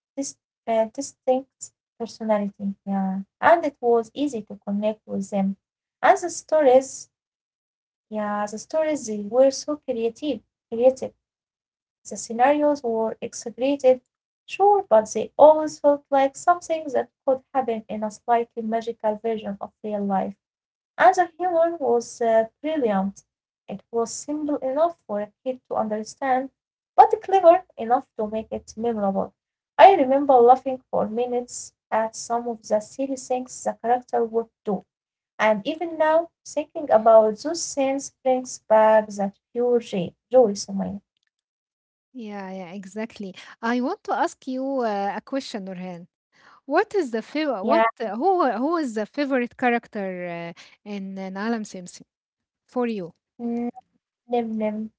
[SPEAKER 2] dis- distinct personality. Yeah, and it was easy to connect with them. And the stories, yeah, the stories they were so creative, creative. The scenarios were exaggerated, sure, but they always felt like something that could happen in a slightly magical version of real life. And the humor was brilliant. It was simple enough for a kid to understand, but clever enough to make it memorable. I remember laughing for minutes at some of the silly things the character would do. And even now, thinking about those scenes brings back that pure joy, joy, Sumaya.
[SPEAKER 1] Yeah, yeah, exactly. I want to ask you a question, Nurhan. What is the favorite?
[SPEAKER 2] Yeah.
[SPEAKER 1] What who is the favorite character uh, in Alam Simsim for you?
[SPEAKER 2] Mm. Nim Nim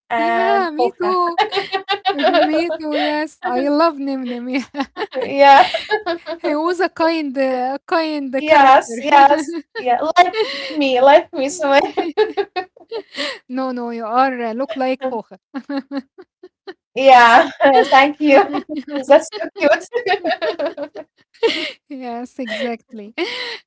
[SPEAKER 2] and
[SPEAKER 1] Yeah, me
[SPEAKER 2] Hoka.
[SPEAKER 1] too. Me too, yes. I love Nimnim. Yeah.
[SPEAKER 2] Yeah,
[SPEAKER 1] He was a kind, kind
[SPEAKER 2] yes,
[SPEAKER 1] character.
[SPEAKER 2] yes, yeah, like me, so
[SPEAKER 1] No, no, you are look like Hoja.
[SPEAKER 2] yeah, thank you. That's so cute.
[SPEAKER 1] Yes, exactly.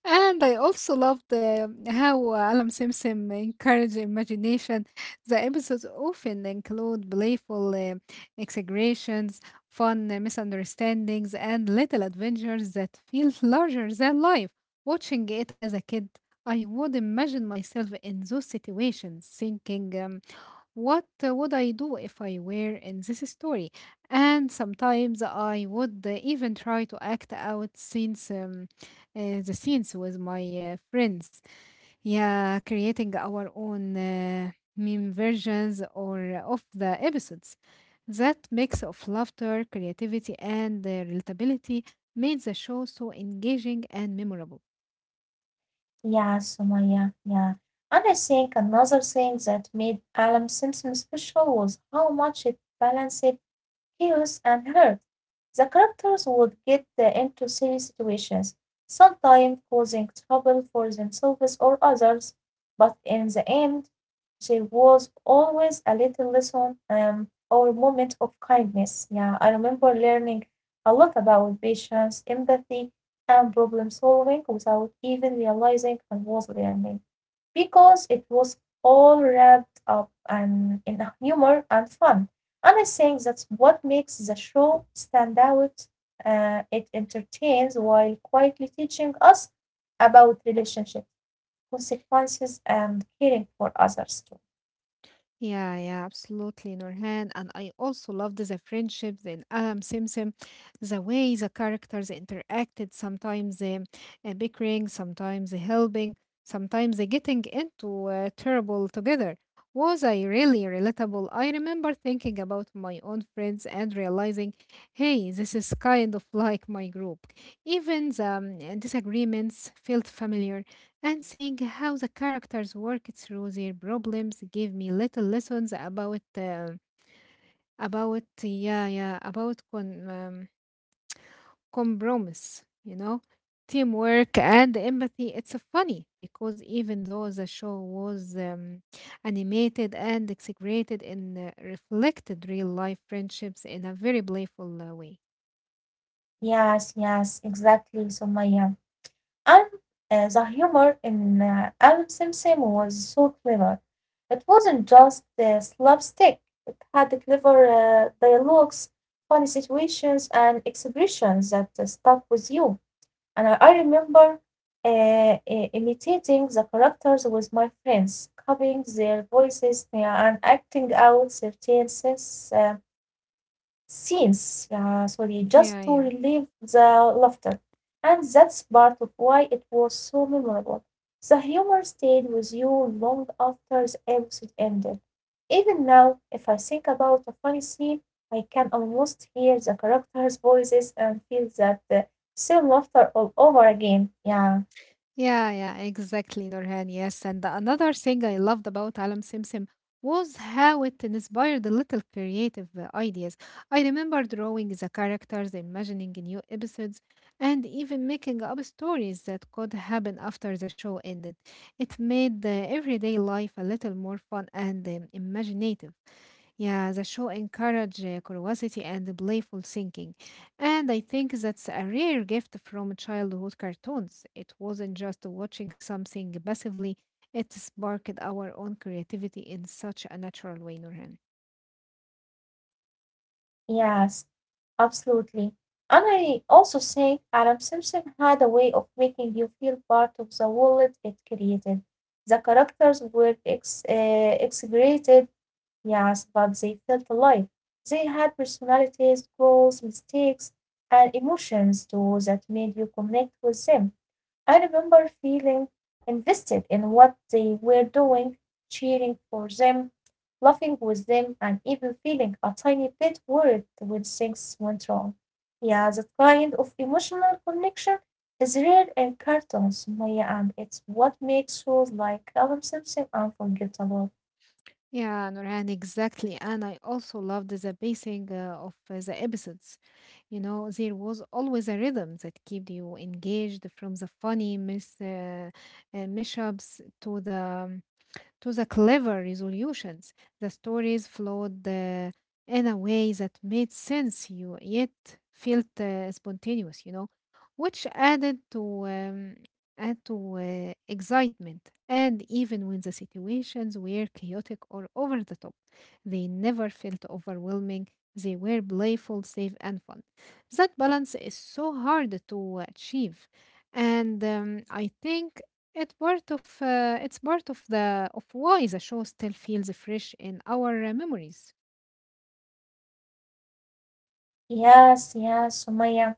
[SPEAKER 1] And I also loved how Alam Simpson encouraged imagination. The episodes often include playful exaggerations, fun misunderstandings, and little adventures that feel larger than life. Watching it as a kid, I would imagine myself in those situations, thinking, what would I do if I were in this story? And sometimes I would even try to act out scenes, the scenes with my friends. Yeah, creating our own meme versions or of the episodes. That mix of laughter, creativity, and relatability made the show so engaging and memorable.
[SPEAKER 2] Yeah, Sumaya, yeah. And I think another thing that made Alam Simpson special was how much it balanced chaos, and hurt. The characters would get into silly situations, sometimes causing trouble for themselves or others, but in the end, there was always a little lesson or moment of kindness. Yeah, I remember learning a lot about patience, empathy, and problem solving without even realizing I was learning because it was all wrapped up and in a humor and fun. And I think that's what makes the show stand out. It entertains while quietly teaching us about relationships, consequences, and caring for others too.
[SPEAKER 1] Yeah, yeah, absolutely, Nurhan. And I also loved the friendships in Adam Simpson, the way the characters interacted, sometimes bickering, sometimes helping, sometimes getting into trouble together. Was I really relatable? I remember thinking about my own friends and realizing, hey, this is kind of like my group. Even the disagreements felt familiar, and seeing how the characters work through their problems gave me little lessons about about yeah yeah about con- um, compromise, you know, teamwork and empathy. It's funny because even though the show was animated and exaggerated, and reflected real life friendships in a very playful way.
[SPEAKER 2] Yes, yes, exactly, Sumaya. And the humor in Adam Simsim was so clever. It wasn't just slapstick, it had clever dialogues, funny situations, and expressions that stuck with you. And I remember uh, uh, imitating the characters with my friends, copying their voices, yeah, and acting out certain scenes. Scenes, sorry, just
[SPEAKER 1] Yeah,
[SPEAKER 2] to
[SPEAKER 1] yeah.
[SPEAKER 2] relieve the laughter. And that's part of why it was so memorable. The humor stayed with you long after the episode ended. Even now, if I think about a funny scene, I can almost hear the characters' voices and feel that same laughter all over again. Yeah,
[SPEAKER 1] Yeah, yeah, exactly, Nurhan. Yes, and another thing I loved about Alam Simsim was how it inspired the little creative ideas. I remember drawing the characters, imagining new episodes, and even making up stories that could happen after the show ended. It made everyday life a little more fun and imaginative. Yeah, the show encouraged curiosity and playful thinking. And I think that's a rare gift from childhood cartoons. It wasn't just watching something passively, it sparked our own creativity in such a natural way, Nurhan.
[SPEAKER 2] yes. Absolutely. And I also think Alan Simpson had a way of making you feel part of the world it created. The characters were exaggerated, yes, but they felt alive. They had personalities, goals, mistakes, and emotions too that made you connect with them. I remember feeling invested in what they were doing, cheering for them, laughing with them, and even feeling a tiny bit worried when things went wrong. Yeah, that kind of emotional connection is rare in cartoons, Maya, and it's what makes shows like Adam Simpson unforgettable.
[SPEAKER 1] Yeah, Nurhan, exactly. And I also loved the pacing of the episodes. You know, there was always a rhythm that kept you engaged from the funny mishaps to the clever resolutions. The story's flawed in a way that made sense, you yet felt spontaneous, you know, which added to add to excitement. And even when the situations were chaotic or over the top, they never felt overwhelming. They were playful, safe and fun. That balance is so hard to achieve, and I think it part of it's part of the of why the show still feels fresh in our memories.
[SPEAKER 2] Yes, yes, Maya.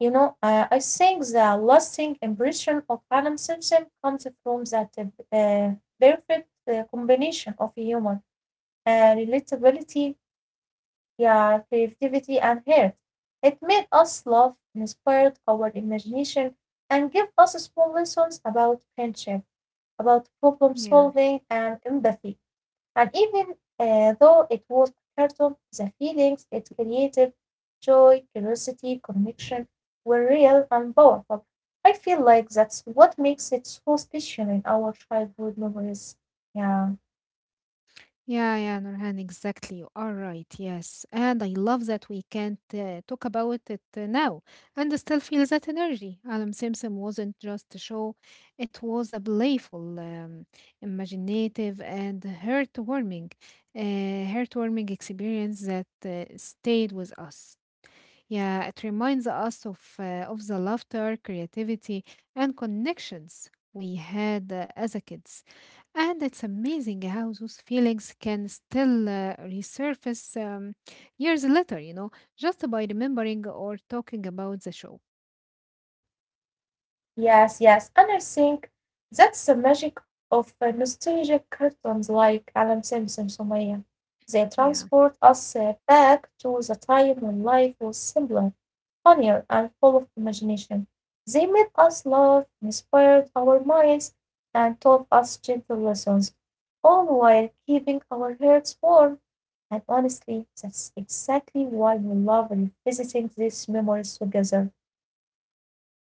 [SPEAKER 2] You know, I think the lasting impression of Adam Simpson comes from that perfect combination of humor, relatability, yeah, creativity, and heart. It made us laugh, inspired our imagination, and gave us small lessons about friendship, about problem
[SPEAKER 1] Yeah.
[SPEAKER 2] solving, and empathy. And even though it was a cartoon, the feelings it created, joy, curiosity, connection, were real and powerful. I feel like that's what makes it so special in our childhood memories. Yeah.
[SPEAKER 1] Yeah, yeah, Nurhan, exactly. You are right. Yes. And I love that we can't talk about it now and still feel that energy. Alan Simpson wasn't just a show, it was a playful, imaginative, and heartwarming experience that stayed with us. Yeah, it reminds us of the laughter, creativity, and connections we had as a kids, and it's amazing how those feelings can still resurface years later. You know, just by remembering or talking about the show.
[SPEAKER 2] Yes, yes, and I think that's the magic of nostalgic cartoons like Alan Simpson, Sumaya. They transport
[SPEAKER 1] Yeah.
[SPEAKER 2] us back to the time when life was simpler, funnier, and full of imagination. They made us laugh, inspired our minds, and taught us gentle lessons, all while keeping our hearts warm. And honestly, that's exactly why we love revisiting these memories together.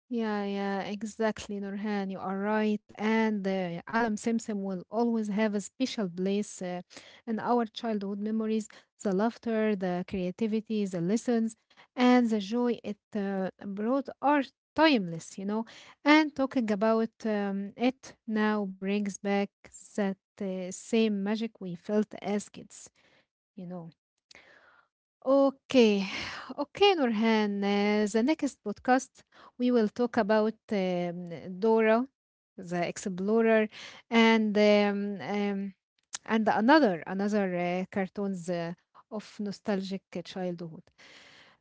[SPEAKER 1] Yeah, yeah, exactly, Nurhan. You are right. And Alam Simsim will always have a special place in our childhood memories. The laughter, the creativity, the lessons, and the joy it brought are timeless, you know. And talking about it now brings back that same magic we felt as kids, you know. Okay, okay, Nurhan. The next podcast we will talk about Dora the Explorer, and another another cartoons of nostalgic childhood.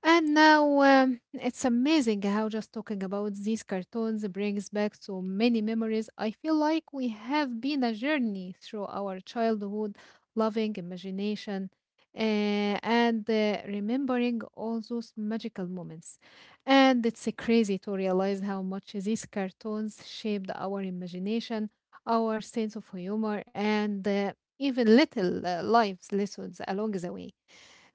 [SPEAKER 1] And now it's amazing how just talking about these cartoons brings back so many memories. I feel like we have been a journey through our childhood, loving imagination and remembering all those magical moments. And it's crazy to realize how much these cartoons shaped our imagination, our sense of humor, and even little life's lessons along the way.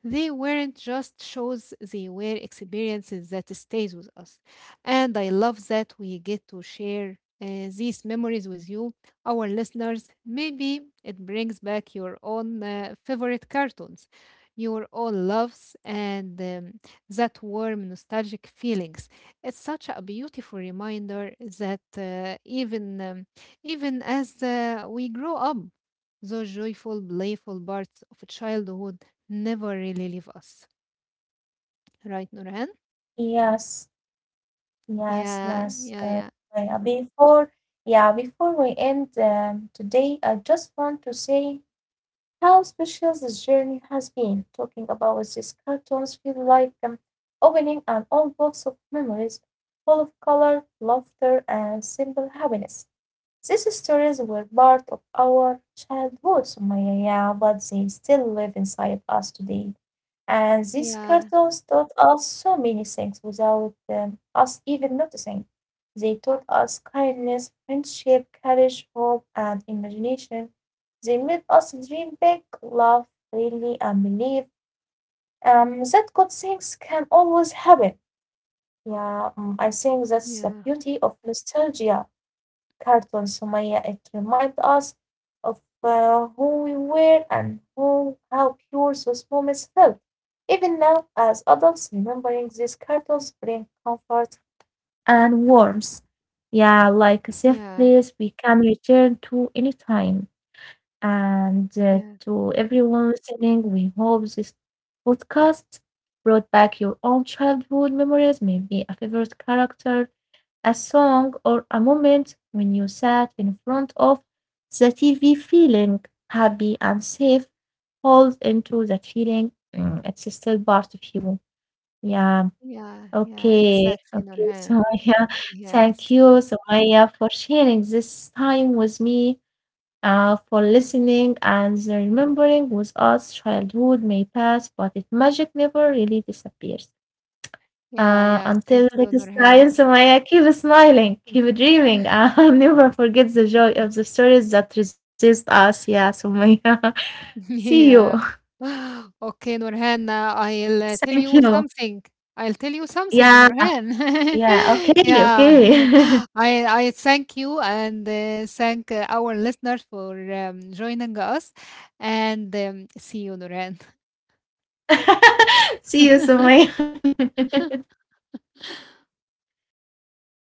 [SPEAKER 1] They weren't just shows, they were experiences that stays with us. And I love that we get to share these memories with you, our listeners. Maybe it brings back your own favorite cartoons, your own loves, and that warm, nostalgic feelings. It's such a beautiful reminder that even as we grow up, those joyful, playful parts of childhood never really leave us. Right, Nurhan?
[SPEAKER 2] Yes. Yes,
[SPEAKER 1] Yeah,
[SPEAKER 2] yes.
[SPEAKER 1] yeah, yeah,
[SPEAKER 2] Yeah, before, yeah, before we end today, I just want to say how special this journey has been. Talking about these cartoons feel like opening an old box of memories full of color, laughter, and simple happiness. These stories were part of our childhood, Sumaya, yeah, but they still live inside us today. And these
[SPEAKER 1] yeah,
[SPEAKER 2] cartoons taught us so many things without us even noticing. They taught us kindness, friendship, courage, hope, and imagination. They made us dream big, love freely, and believe that good things can always happen. Yeah, mm, I think that's the
[SPEAKER 1] yeah,
[SPEAKER 2] beauty of nostalgia cartoon, Sumaya. It reminds us of who we were and who, how pure those moments felt. Even now, as adults, remembering these cartoons bring comfort and warmth. Yeah, like a safe
[SPEAKER 1] yeah,
[SPEAKER 2] place we can return to anytime. And
[SPEAKER 1] yeah,
[SPEAKER 2] to everyone listening, we hope this podcast brought back your own childhood memories, maybe a favorite character, a song, or a moment when you sat in front of the TV feeling happy and safe. Hold into that feeling. Mm, it's still part of you. Yeah.
[SPEAKER 1] yeah, yeah,
[SPEAKER 2] Okay.
[SPEAKER 1] exactly,
[SPEAKER 2] Okay.
[SPEAKER 1] Nurhan.
[SPEAKER 2] So yeah,
[SPEAKER 1] Yes.
[SPEAKER 2] thank you, Sumaya, for sharing this time with me, for listening and remembering with us. Childhood may pass, but its magic never really disappears.
[SPEAKER 1] Yeah, yeah, thank
[SPEAKER 2] Until
[SPEAKER 1] you,
[SPEAKER 2] the
[SPEAKER 1] Nurhan.
[SPEAKER 2] science, Sumaya, keep
[SPEAKER 1] Mm.
[SPEAKER 2] smiling, keep dreaming. I'll never forget the joy of the stories that resist us. Yeah, Sumaya. See you.
[SPEAKER 1] Yeah. Okay, Nurhan, I'll
[SPEAKER 2] Thank
[SPEAKER 1] tell you
[SPEAKER 2] you.
[SPEAKER 1] something. I'll tell you something,
[SPEAKER 2] Yeah,
[SPEAKER 1] Nurhan.
[SPEAKER 2] yeah. Okay,
[SPEAKER 1] Yeah, yeah.
[SPEAKER 2] okay.
[SPEAKER 1] I I thank you and thank our listeners for joining us. And see you, Nurhan.
[SPEAKER 2] See you, Sumaya. See